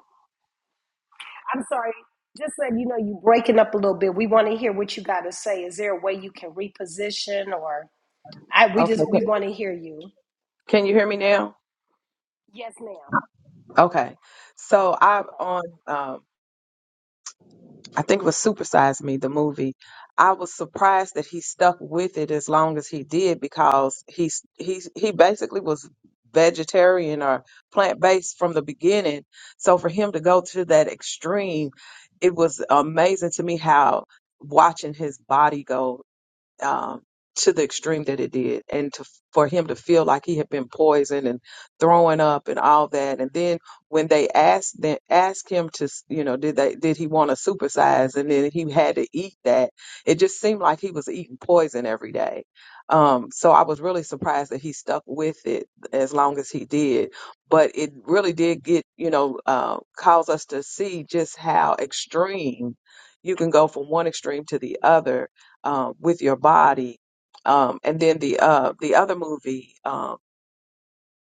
Speaker 1: I'm sorry. Just letting you know you're breaking up a little bit. We want to hear what you got to say. Is there a way you can reposition or? I we
Speaker 8: Okay.
Speaker 1: just we want to hear you.
Speaker 8: Can you hear me now?
Speaker 1: Yes, ma'am.
Speaker 8: Okay. So I
Speaker 1: Okay.
Speaker 8: on um I think it was Super Size Me, the movie. I was surprised that he stuck with it as long as he did because he's he's he basically was vegetarian or plant based from the beginning. So for him to go to that extreme, it was amazing to me how watching his body go. um, to the extreme that it did, and to for him to feel like he had been poisoned and throwing up and all that. And then when they asked they asked him to, s- you know, did they did he want to supersize, and then he had to eat that. It just seemed like he was eating poison every day. Um, so I was really surprised that he stuck with it as long as he did. But it really did get, you know, uh, cause us to see just how extreme you can go from one extreme to the other um, with your body. Um, and then the uh, the other movie, um,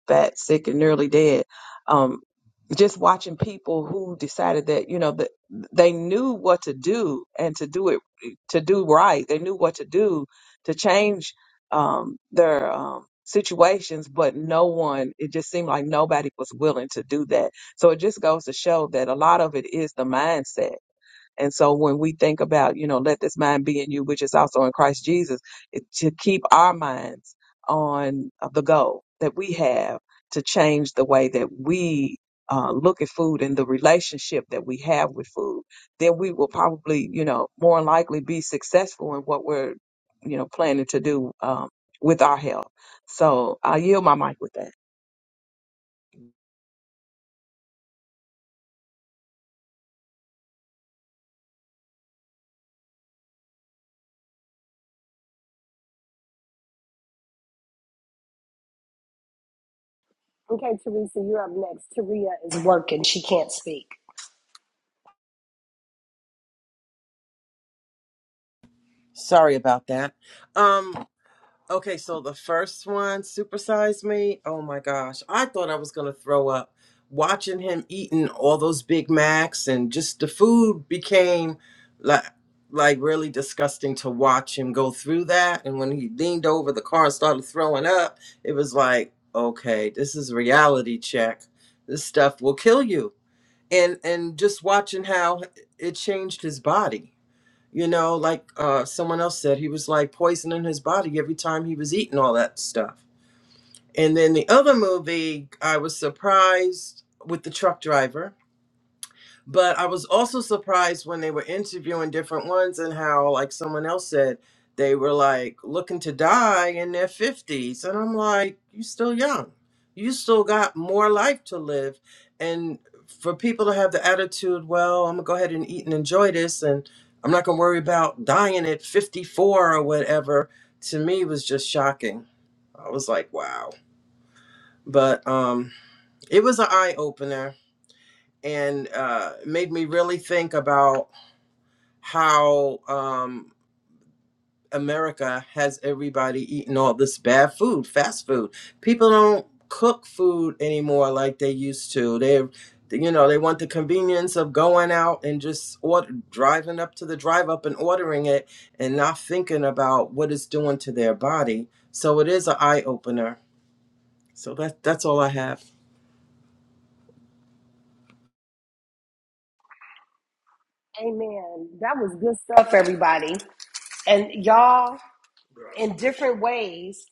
Speaker 8: Fat, Sick, and Nearly Dead, um, just watching people who decided that you know that they knew what to do and to do it to do right. They knew what to do to change um, their um, situations, but no one. It just seemed like nobody was willing to do that. So it just goes to show that a lot of it is the mindset and so when we think about, you know, let this mind be in you, which is also in Christ Jesus, it, to keep our minds on uh, the goal that we have to change the way that we uh, look at food and the relationship that we have with food, then we will probably, you know, more than likely be successful in what we're, you know, planning to do um, with our health. So I yield my mic with that.
Speaker 1: Okay, Teresa, you're up next. Taria is working. She can't speak.
Speaker 9: Sorry about that. Um, Okay, so the first one, Supersize Me. Oh my gosh, I thought I was gonna throw up. Watching him eating all those Big Macs and just the food became like like really disgusting to watch him go through that. And when he leaned over the car and started throwing up, it was like, okay, this is reality check. This stuff will kill you. And and just watching how it changed his body you know, like uh, someone else said, he was like poisoning his body every time he was eating all that stuff. And then the other movie, I was surprised with the truck driver but I was also surprised when they were interviewing different ones and how, like someone else said, they were like looking to die in their 50s. And I'm like, you still young. You still got more life to live. And for people to have the attitude, well, I'm going to go ahead and eat and enjoy this and I'm not going to worry about dying at 54 or whatever, to me was just shocking. I was like, wow. But um, it was an eye opener and uh, made me really think about how um, America has everybody eating all this bad food, fast food. People don't cook food anymore like they used to. They, you know, they want the convenience of going out and just order, driving up to the drive up and ordering it, and not thinking about what it's doing to their body. So it is an eye opener. So that that's all I have.
Speaker 1: Amen. That was good stuff, everybody. And y'all, in different ways,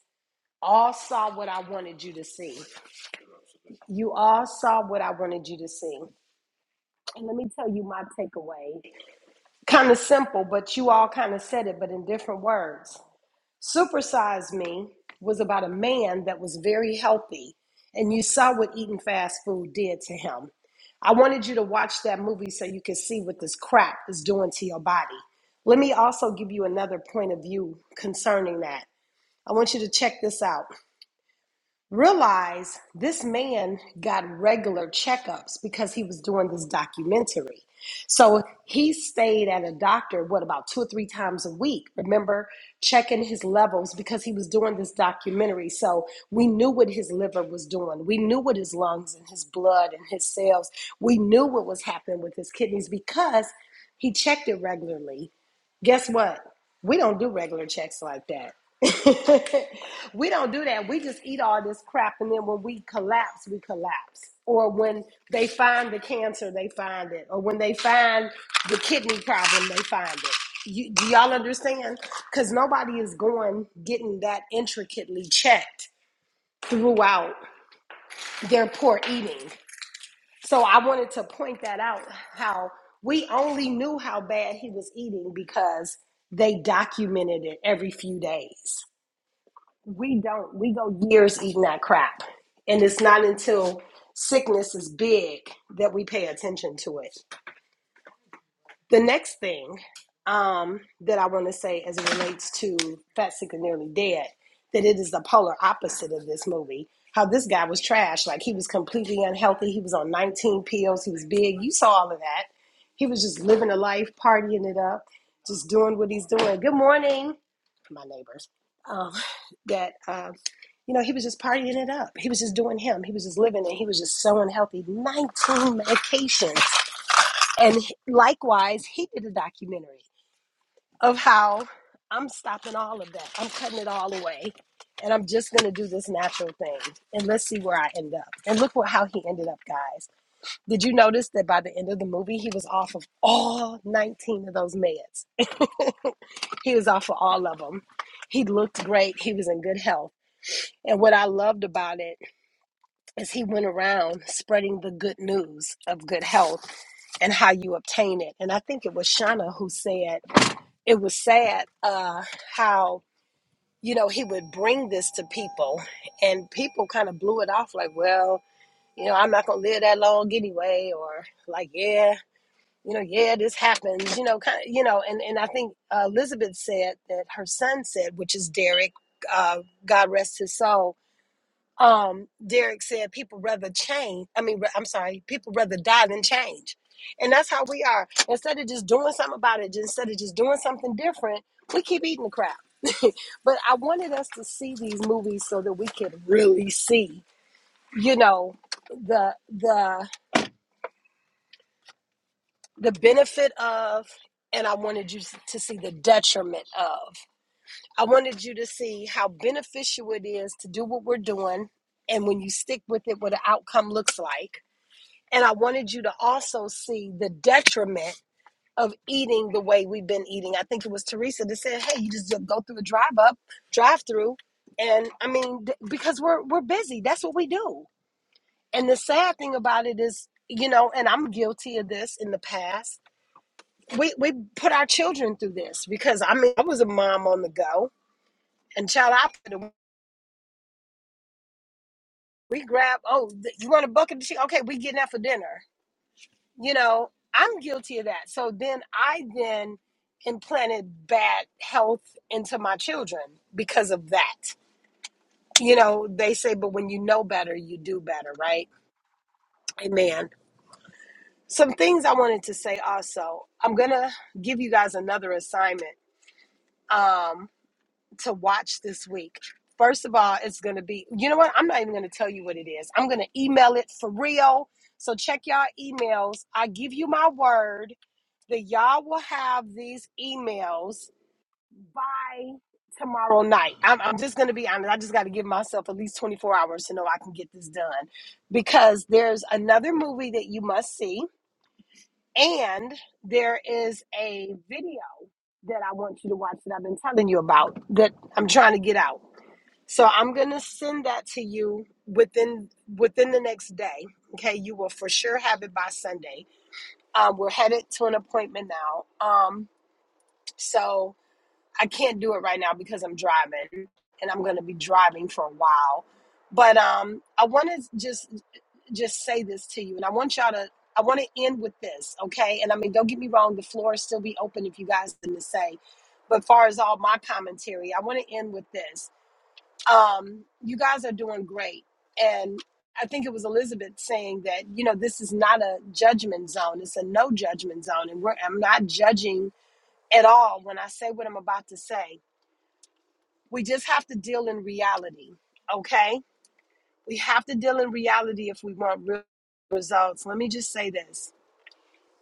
Speaker 1: all saw what I wanted you to see. You all saw what I wanted you to see. And let me tell you my takeaway. Kind of simple, but you all kind of said it, but in different words. Supersize Me was about a man that was very healthy, and you saw what eating fast food did to him. I wanted you to watch that movie so you could see what this crap is doing to your body. Let me also give you another point of view concerning that. I want you to check this out. Realize this man got regular checkups because he was doing this documentary. So he stayed at a doctor, what, about two or three times a week? Remember, checking his levels because he was doing this documentary. So we knew what his liver was doing. We knew what his lungs and his blood and his cells, we knew what was happening with his kidneys because he checked it regularly guess what? We don't do regular checks like that. we don't do that. We just eat all this crap, and then when we collapse, we collapse. Or when they find the cancer, they find it. Or when they find the kidney problem, they find it. You, do y'all understand? Because nobody is going getting that intricately checked throughout their poor eating. So I wanted to point that out how we only knew how bad he was eating because they documented it every few days. We don't, we go years eating that crap. And it's not until sickness is big that we pay attention to it. The next thing um, that I want to say as it relates to Fat, Sick, and Nearly Dead, that it is the polar opposite of this movie. How this guy was trash. Like he was completely unhealthy. He was on 19 pills. He was big. You saw all of that. He was just living a life, partying it up, just doing what he's doing. Good morning, my neighbors. Um, that, um, you know, he was just partying it up. He was just doing him. He was just living it. He was just so unhealthy. 19 medications and likewise, he did a documentary of how I'm stopping all of that. I'm cutting it all away. And I'm just going to do this natural thing. And let's see where I end up. And look what, how he ended up, guys. Did you notice that by the end of the movie, he was off of all 19 of those meds? He was off of all of them. He looked great. He was in good health. And what I loved about it is he went around spreading the good news of good health and how you obtain it. And I think it was Shauna who said, it was sad uh, how you know he would bring this to people and people kind of blew it off like well you know i'm not going to live that long anyway or like yeah you know yeah this happens you know kind of you know and, and i think uh, elizabeth said that her son said which is derek uh, god rest his soul um, Derek said people rather change. I mean, I'm sorry, people rather die than change. And that's how we are. Instead of just doing something about it, instead of just doing something different, we keep eating the crap. but I wanted us to see these movies so that we could really see, you know, the the the benefit of, and I wanted you to see the detriment of. I wanted you to see how beneficial it is to do what we're doing, and when you stick with it, what the outcome looks like And I wanted you to also see the detriment of eating the way we've been eating. I think it was Teresa that said, "Hey, you just go through a drive up, drive through." And I mean, th- because we're we're busy. That's what we do. And the sad thing about it is, you know, and I'm guilty of this in the past. We we put our children through this because I mean, I was a mom on the go, and child, I put a- we grab. Oh, th- you want a bucket of chicken? Okay, we getting out for dinner you know i'm guilty of that so then i then implanted bad health into my children because of that you know they say but when you know better you do better right amen some things i wanted to say also i'm gonna give you guys another assignment um to watch this week first of all it's gonna be you know what i'm not even gonna tell you what it is i'm gonna email it for real so check y'all emails i give you my word that y'all will have these emails by tomorrow night. I'm, I'm just going to be honest. I just got to give myself at least 24 hours to know I can get this done because there's another movie that you must see, and there is a video that I want you to watch that I've been telling you about that I'm trying to get out. So I'm going to send that to you within within the next day. Okay, you will for sure have it by Sunday. Um, we're headed to an appointment now. Um, so I can't do it right now because I'm driving and I'm going to be driving for a while. But um, I want to just just say this to you, and I want y'all to. I want to end with this, okay? And I mean, don't get me wrong, the floor is still be open if you guys have to say. But far as all my commentary, I want to end with this. Um, you guys are doing great, and I think it was Elizabeth saying that you know this is not a judgment zone; it's a no judgment zone, and we're, I'm not judging at all when I say what I'm about to say. We just have to deal in reality, okay? We have to deal in reality if we want real results. Let me just say this.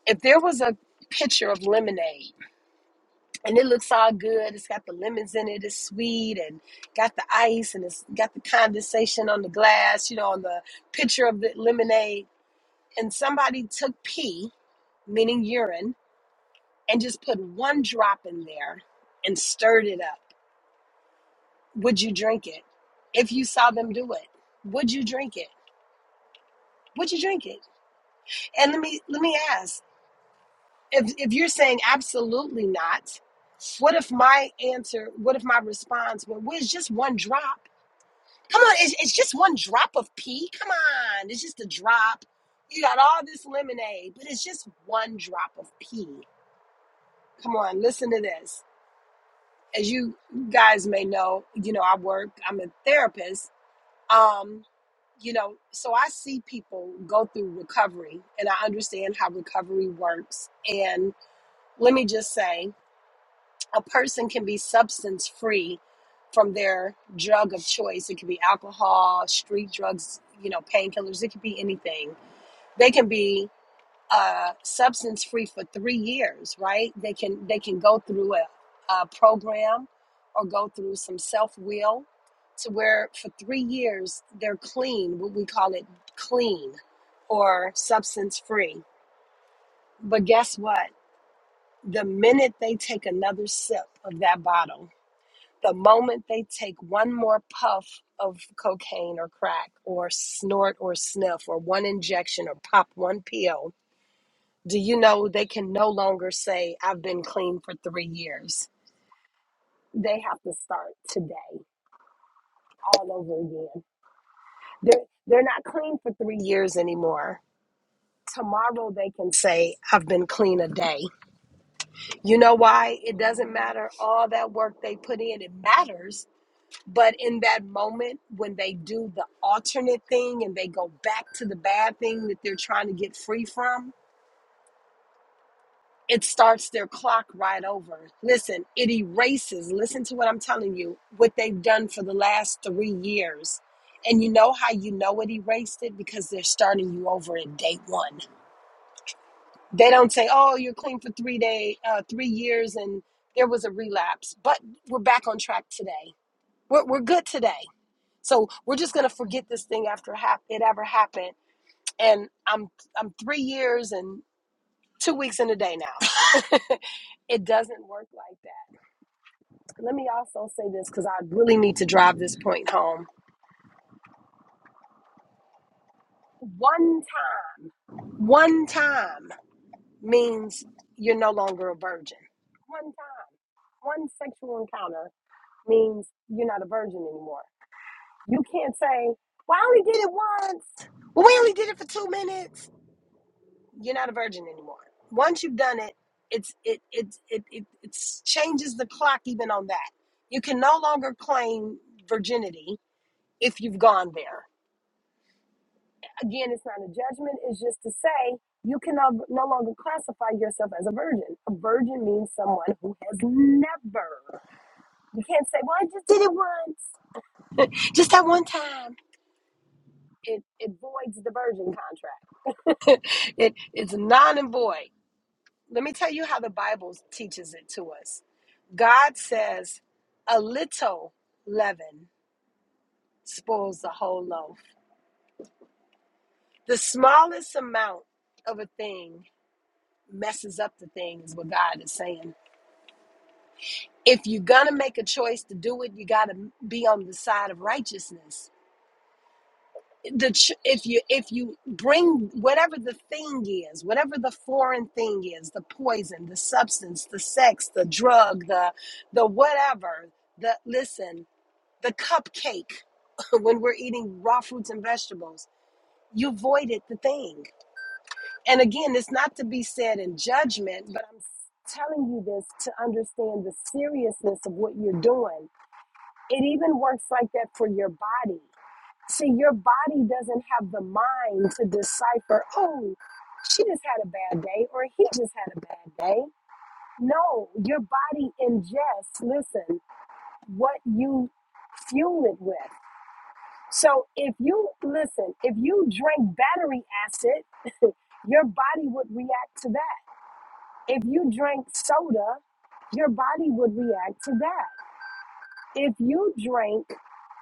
Speaker 1: If there was a picture of lemonade and it looks all good, it's got the lemons in it, it's sweet and got the ice and it's got the condensation on the glass, you know, on the picture of the lemonade, and somebody took pee, meaning urine, and just put one drop in there and stirred it up would you drink it? If you saw them do it, would you drink it? Would you drink it? And let me let me ask, if if you're saying absolutely not, what if my answer, what if my response were, well, it's just one drop? Come on, it's, it's just one drop of pee. Come on, it's just a drop. You got all this lemonade, but it's just one drop of pee. Come on, listen to this. As you guys may know, you know, I work, I'm a therapist. Um, you know, so I see people go through recovery and I understand how recovery works. And let me just say, a person can be substance free from their drug of choice. It could be alcohol, street drugs, you know, painkillers, it could be anything. They can be uh, substance free for three years, right? They can they can go through a, a program or go through some self will to where for three years they're clean. What we call it clean or substance free. But guess what? The minute they take another sip of that bottle, the moment they take one more puff of cocaine or crack or snort or sniff or one injection or pop one pill do you know they can no longer say, I've been clean for three years? They have to start today, all over again. They're, they're not clean for three years anymore. Tomorrow they can say, I've been clean a day. You know why? It doesn't matter all that work they put in, it matters. But in that moment, when they do the alternate thing and they go back to the bad thing that they're trying to get free from, it starts their clock right over. Listen, it erases, listen to what I'm telling you, what they've done for the last three years. And you know how you know it erased it? Because they're starting you over at day one. They don't say, oh, you're clean for three day, uh, three years and there was a relapse. But we're back on track today. We're, we're good today. So we're just going to forget this thing after hap- it ever happened. And I'm, I'm three years and two weeks in a day now. it doesn't work like that Let me also say this because I really need to drive this point home. One time, one time means you're no longer a virgin. One time, one sexual encounter means you're not a virgin anymore. You can't say, Well, I only did it once. Well, we only did it for two minutes. You're not a virgin anymore. Once you've done it, it's it it it it it's changes the clock even on that. You can no longer claim virginity if you've gone there Again, it's not a judgment, it's just to say you can no, no longer classify yourself as a virgin. A virgin means someone who has never. You can't say, well, I just did it once, just that one time. It, it voids the virgin contract. it, it's non and void. Let me tell you how the Bible teaches it to us. God says, a little leaven spoils the whole loaf. The smallest amount of a thing messes up the thing, is what God is saying. if you're gonna make a choice to do it you gotta be on the side of righteousness the ch- if you if you bring whatever the thing is whatever the foreign thing is the poison the substance the sex the drug the the whatever the listen the cupcake when we're eating raw fruits and vegetables you voided the thing and again it's not to be said in judgment but i'm telling you this to understand the seriousness of what you're doing It even works like that for your body. See, your body doesn't have the mind to decipher, oh, she just had a bad day or he just had a bad day. No, your body ingests, listen, what you fuel it with. So if you, listen, if you drink battery acid, your body would react to that. If you drink soda, your body would react to that. if you drink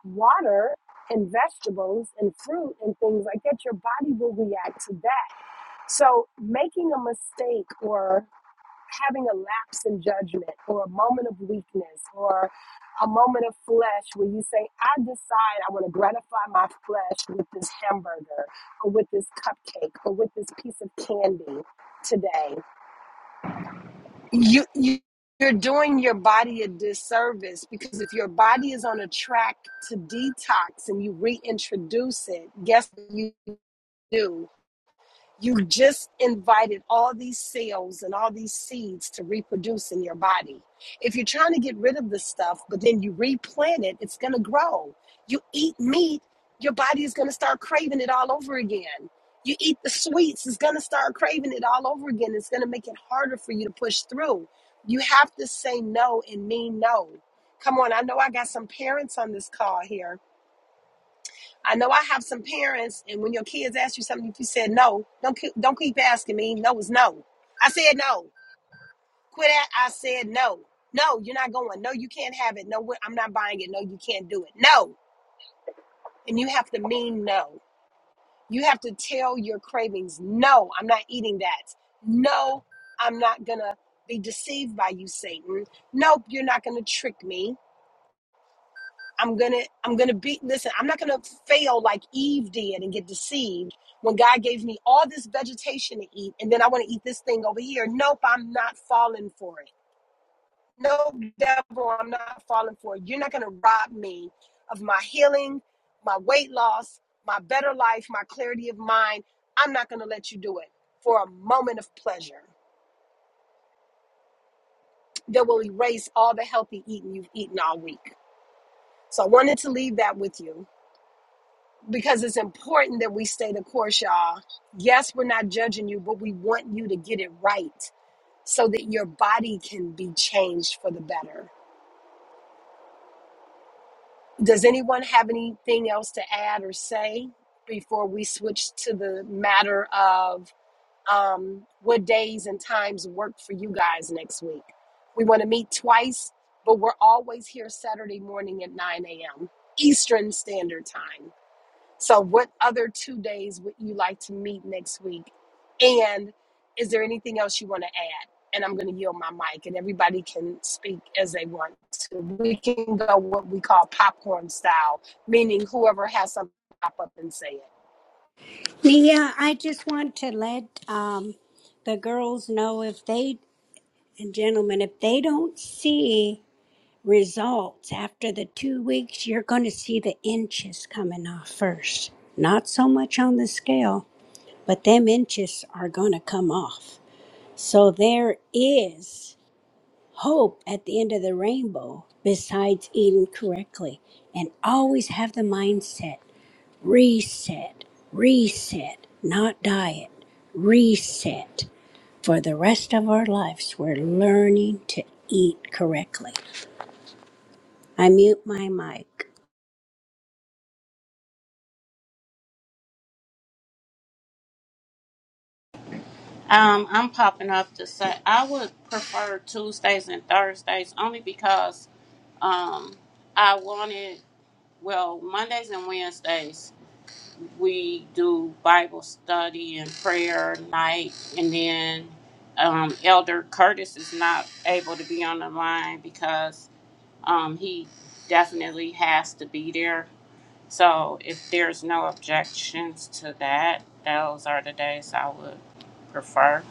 Speaker 1: water and vegetables and fruit and things like that, your body will react to that. So, making a mistake or having a lapse in judgment or a moment of weakness or a moment of flesh where you say, I decide I want to gratify my flesh with this hamburger or with this cupcake or with this piece of candy today you, you you're doing your body a disservice because if your body is on a track to detox and you reintroduce it guess what you do you just invited all these cells and all these seeds to reproduce in your body. If you're trying to get rid of the stuff, but then you replant it, it's going to grow. You eat meat, your body is going to start craving it all over again. You eat the sweets, it's going to start craving it all over again. It's going to make it harder for you to push through. You have to say no and mean no. Come on, I know I got some parents on this call here I know I have some parents, and when your kids ask you something, if you said no, don't keep, don't keep asking me. No is no. I said no. Quit that. I said no. No, you're not going. No, you can't have it. No, we- I'm not buying it. No, you can't do it. No, and you have to mean no. You have to tell your cravings. No, I'm not eating that. No, I'm not gonna be deceived by you, Satan. Nope, you're not gonna trick me. I'm gonna I'm gonna be listen, I'm not gonna fail like Eve did and get deceived when God gave me all this vegetation to eat and then I want to eat this thing over here. Nope, I'm not falling for it. No devil, I'm not falling for it. You're not gonna rob me of my healing, my weight loss, my better life, my clarity of mind. I'm not gonna let you do it for a moment of pleasure that will erase all the healthy eating you've eaten all week. So I wanted to leave that with you. because it's important that we stay the course, y'all. Yes, we're not judging you, but we want you to get it right so that your body can be changed for the better. Does anyone have anything else to add or say before we switch to the matter of um, what days and times work for you guys next week? We want to meet twice, but we're always here Saturday morning at 9 a.m. Eastern Standard Time. So, what other two days would you like to meet next week? And is there anything else you want to add? And I'm going to yield my mic, and everybody can speak as they want to. We can go what we call popcorn style, meaning whoever has something pop up and say it.
Speaker 2: Yeah, I just want to let um, the girls know if they and gentlemen, if they don't see results after the two weeks, you're going to see the inches coming off first. Not so much on the scale, but them inches are going to come off. So there is. hope at the end of the rainbow besides eating correctly and always have the mindset reset, reset, not diet, reset. For the rest of our lives, we're learning to eat correctly. I mute my mic.
Speaker 5: Um, I'm popping up to say I would prefer Tuesdays and Thursdays only because um, I wanted well Mondays and Wednesdays. we do Bible study and prayer night, and then um, Elder Curtis is not able to be on the line because um, he definitely has to be there. So if there's no objections to that, those are the days I would prefer.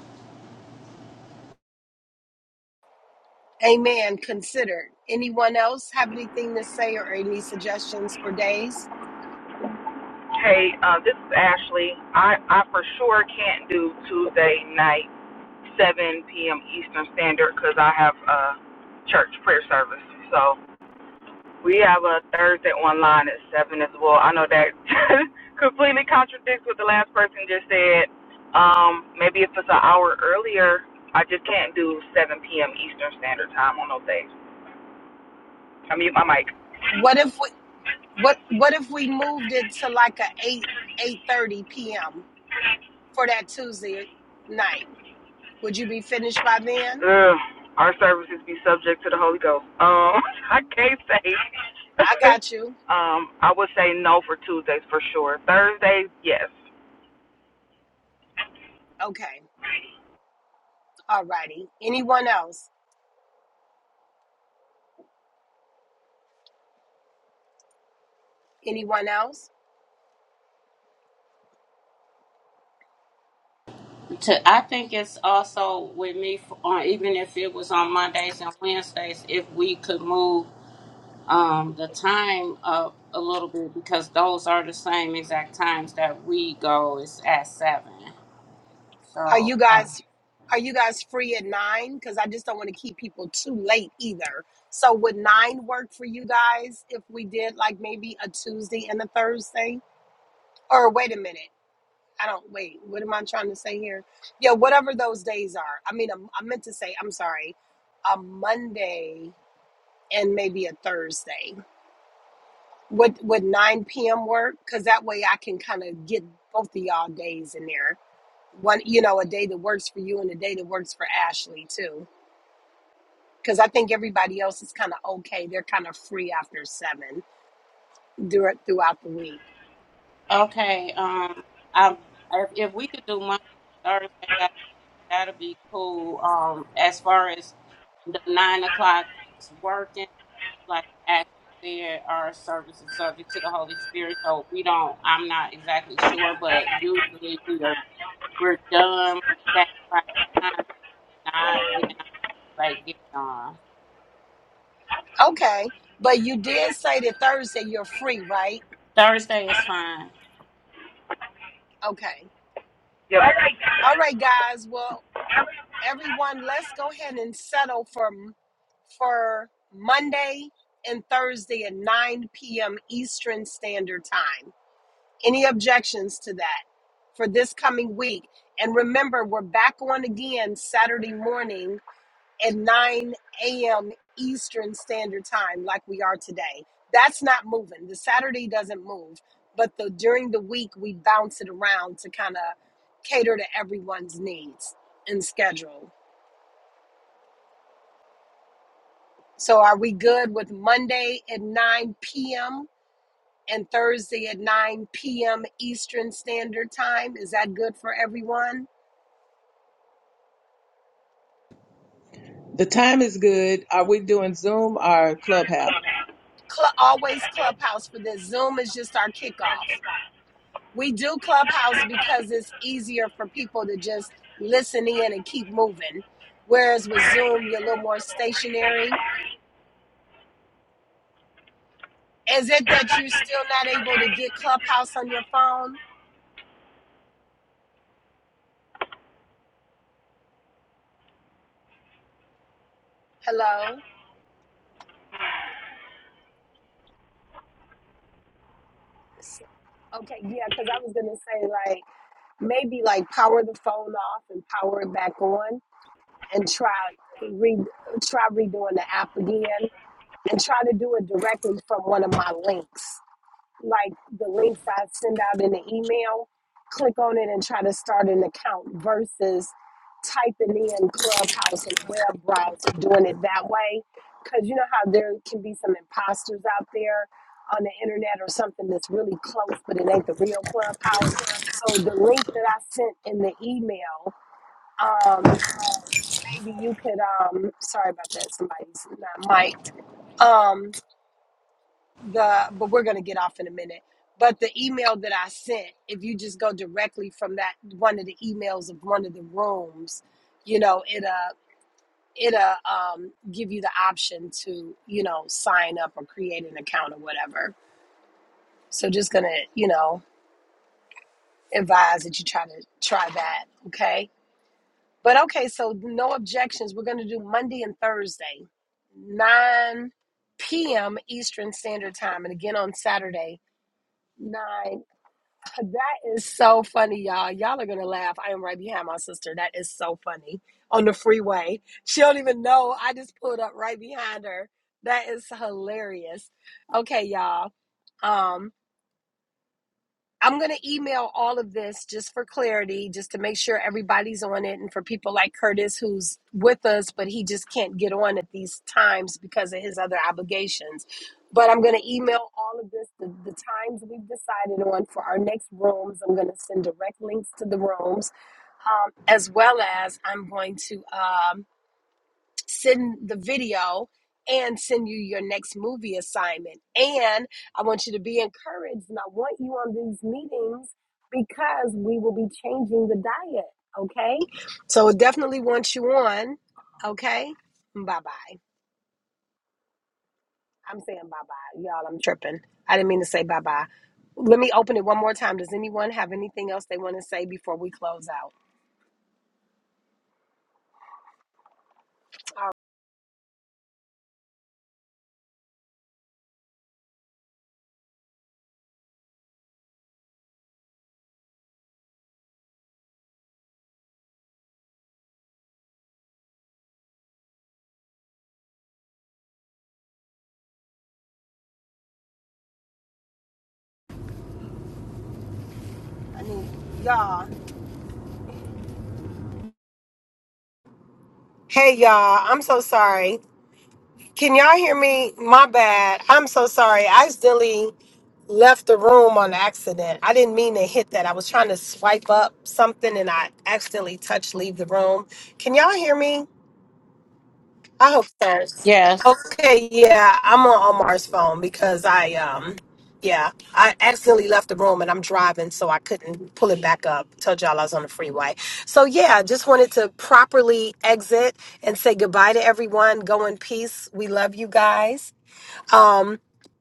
Speaker 1: Amen. Considered. Anyone else have anything to say or any suggestions for days?
Speaker 6: Hey, uh, this is Ashley. I, I for sure can't do Tuesday night. 7 p.m. Eastern Standard because I have a church prayer service. So we have a Thursday online at 7 as well. I know that completely contradicts what the last person just said. Um, maybe if it's an hour earlier, I just can't do 7 p.m. Eastern Standard Time on those days. I mute my mic.
Speaker 1: What if we what what if we moved it to like a eight eight thirty p.m. for that Tuesday night? Would you be finished by then?
Speaker 6: Ugh, our services be subject to the Holy Ghost. Um, I can't say.
Speaker 1: I got you.
Speaker 6: um, I would say no for Tuesdays for sure. Thursdays, yes.
Speaker 1: Okay. All righty. Anyone else? Anyone else?
Speaker 5: To I think it's also with me, for, uh, even if it was on Mondays and Wednesdays, if we could move. um, the time up a little bit because those are the same exact times that we go. It's at seven.
Speaker 1: Are
Speaker 5: So
Speaker 1: you guys
Speaker 5: uh,
Speaker 1: are you guys free at nine? Because I just don't want to keep people too late either. So would nine work for you guys if we did like maybe a Tuesday and a Thursday? Or wait a minute. I don't wait. What am I trying to say here? Yeah, whatever those days are. I mean, I I meant to say, I'm sorry, a Monday and maybe a Thursday. Would would 9 p.m. work? Because that way I can kind of get both of y'all days in there. One, you know, a day that works for you and a day that works for Ashley too. Because I think everybody else is kind of okay. They're kind of free after seven dur- throughout the week.
Speaker 5: okay, um, I if, if we could do Monday Thursday, that that'd be cool. Um, as far as the nine o'clock is working, like actually there are services subject to the Holy Spirit, so we don't. I'm not exactly sure, but usually we are we're done that by the time. If Not then Like getting on.
Speaker 1: Okay, but you did say that Thursday you're free, right?
Speaker 5: Thursday is fine.
Speaker 1: Okay.
Speaker 6: Yep. All right.
Speaker 1: All right, guys. Well, everyone, let's go ahead and settle for for Monday and Thursday at 9 p.m. Eastern Standard Time. Any objections to that for this coming week? And remember, we're back on again Saturday morning at 9 a.m. Eastern Standard Time, like we are today. That's not moving. The Saturday doesn't move, but the during the week we bounce it around to kind of cater to everyone's needs and schedule. So, are we good with Monday at 9 p.m. and Thursday at 9 p.m. Eastern Standard Time? Is that good for everyone?
Speaker 8: The time is good. Are we doing Zoom or
Speaker 6: on
Speaker 8: Clubhouse?
Speaker 6: Clubhouse.
Speaker 1: Cl- always Clubhouse for this. Zoom is just our
Speaker 6: i
Speaker 1: kickoff.
Speaker 6: check
Speaker 1: We do Clubhouse
Speaker 6: out.
Speaker 1: because it's easier for people to just listen in and keep moving. Whereas with Zoom, you're a little more stationary. Is it that you're still not able to get Clubhouse on your phone? Hello? S- Okay, yeah, because I was going to say, like, maybe like power the phone off and power it back on and try re- try redoing the app again and try to do it directly from one of my links like the links I send out in the email, click on it and try to start an account versus typing in Clubhouse and a web browser, doing it that way. Because you know how there can be some imposters out there on the internet or something that's really close, but it ain't the real Clubhouse. So the link that I sent in the email, um, maybe you could, um, sorry about that, somebody's not mic'd. Um, the but we're going to get off in a minute but the email that i sent if you just go directly from that one of the emails of one of the rooms you know it'll it'll um, give you the option to you know sign up or create an account or whatever so just gonna you know advise that you try to try that okay but okay so no objections we're gonna do monday and thursday 9 p.m eastern standard time and again on saturday 9 That is so funny, y'all. Y'all are gonna laugh. I am right behind my sister. That is so funny on the freeway. She don't even know. I just pulled up right behind her. That is hilarious. Okay, y'all. Um, I'm going to email all of this just for clarity, just to make sure everybody's on it. And for people like Curtis, who's with us, but he just can't get on at these times because of his other obligations. But I'm going to email all of this, the, the times we've decided on for our next rooms. I'm going to send direct links to the rooms, um, as well as I'm going to. Um, send the video and send you your next movie assignment. And I want you to be encouraged and I want you on these meetings because we will be changing the diet. Okay. So definitely want you on. Okay. Bye bye. I'm saying bye bye. Y'all, I'm tripping. I didn't mean to say bye bye. Let me open it one more time. Does anyone have anything else they want to say before we close out? All right.
Speaker 3: I need y'all. Hey y'all, I'm so sorry. Can y'all hear me? My bad. I'm so sorry. I accidentally left the room on accident. I didn't mean to hit that. I was trying to swipe up something and I accidentally touched leave the room. Can y'all hear me? I hope so.
Speaker 5: Yes.
Speaker 3: Okay, yeah, I'm on Omar's phone because I um yeah, I accidentally left the room and I'm driving so I couldn't pull it back up. Told y'all I was on the freeway. So yeah, just wanted to properly exit and say goodbye to everyone. Go in peace. We love you guys. Um,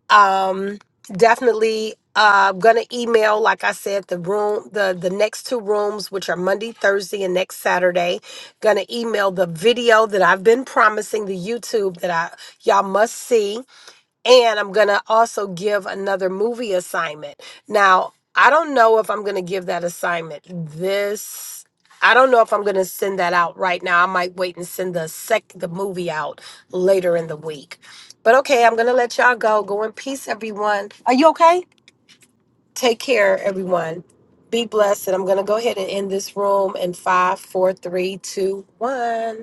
Speaker 3: um, definitely uh, gonna email, like I said, the room, the the next two rooms, which are Monday, Thursday, and next Saturday. Gonna email the video that I've been promising the YouTube that I y'all must see and I'm going to also give another movie assignment. Now, I don't know if I'm going to give that assignment this I don't know if I'm going to send that out right now. I might wait and send the sec the movie out later in the week. But okay, I'm going to let y'all go. Go in peace everyone. Are you okay? Take care everyone. Be blessed. And I'm going to go ahead and end this room in five, four, three, two, one.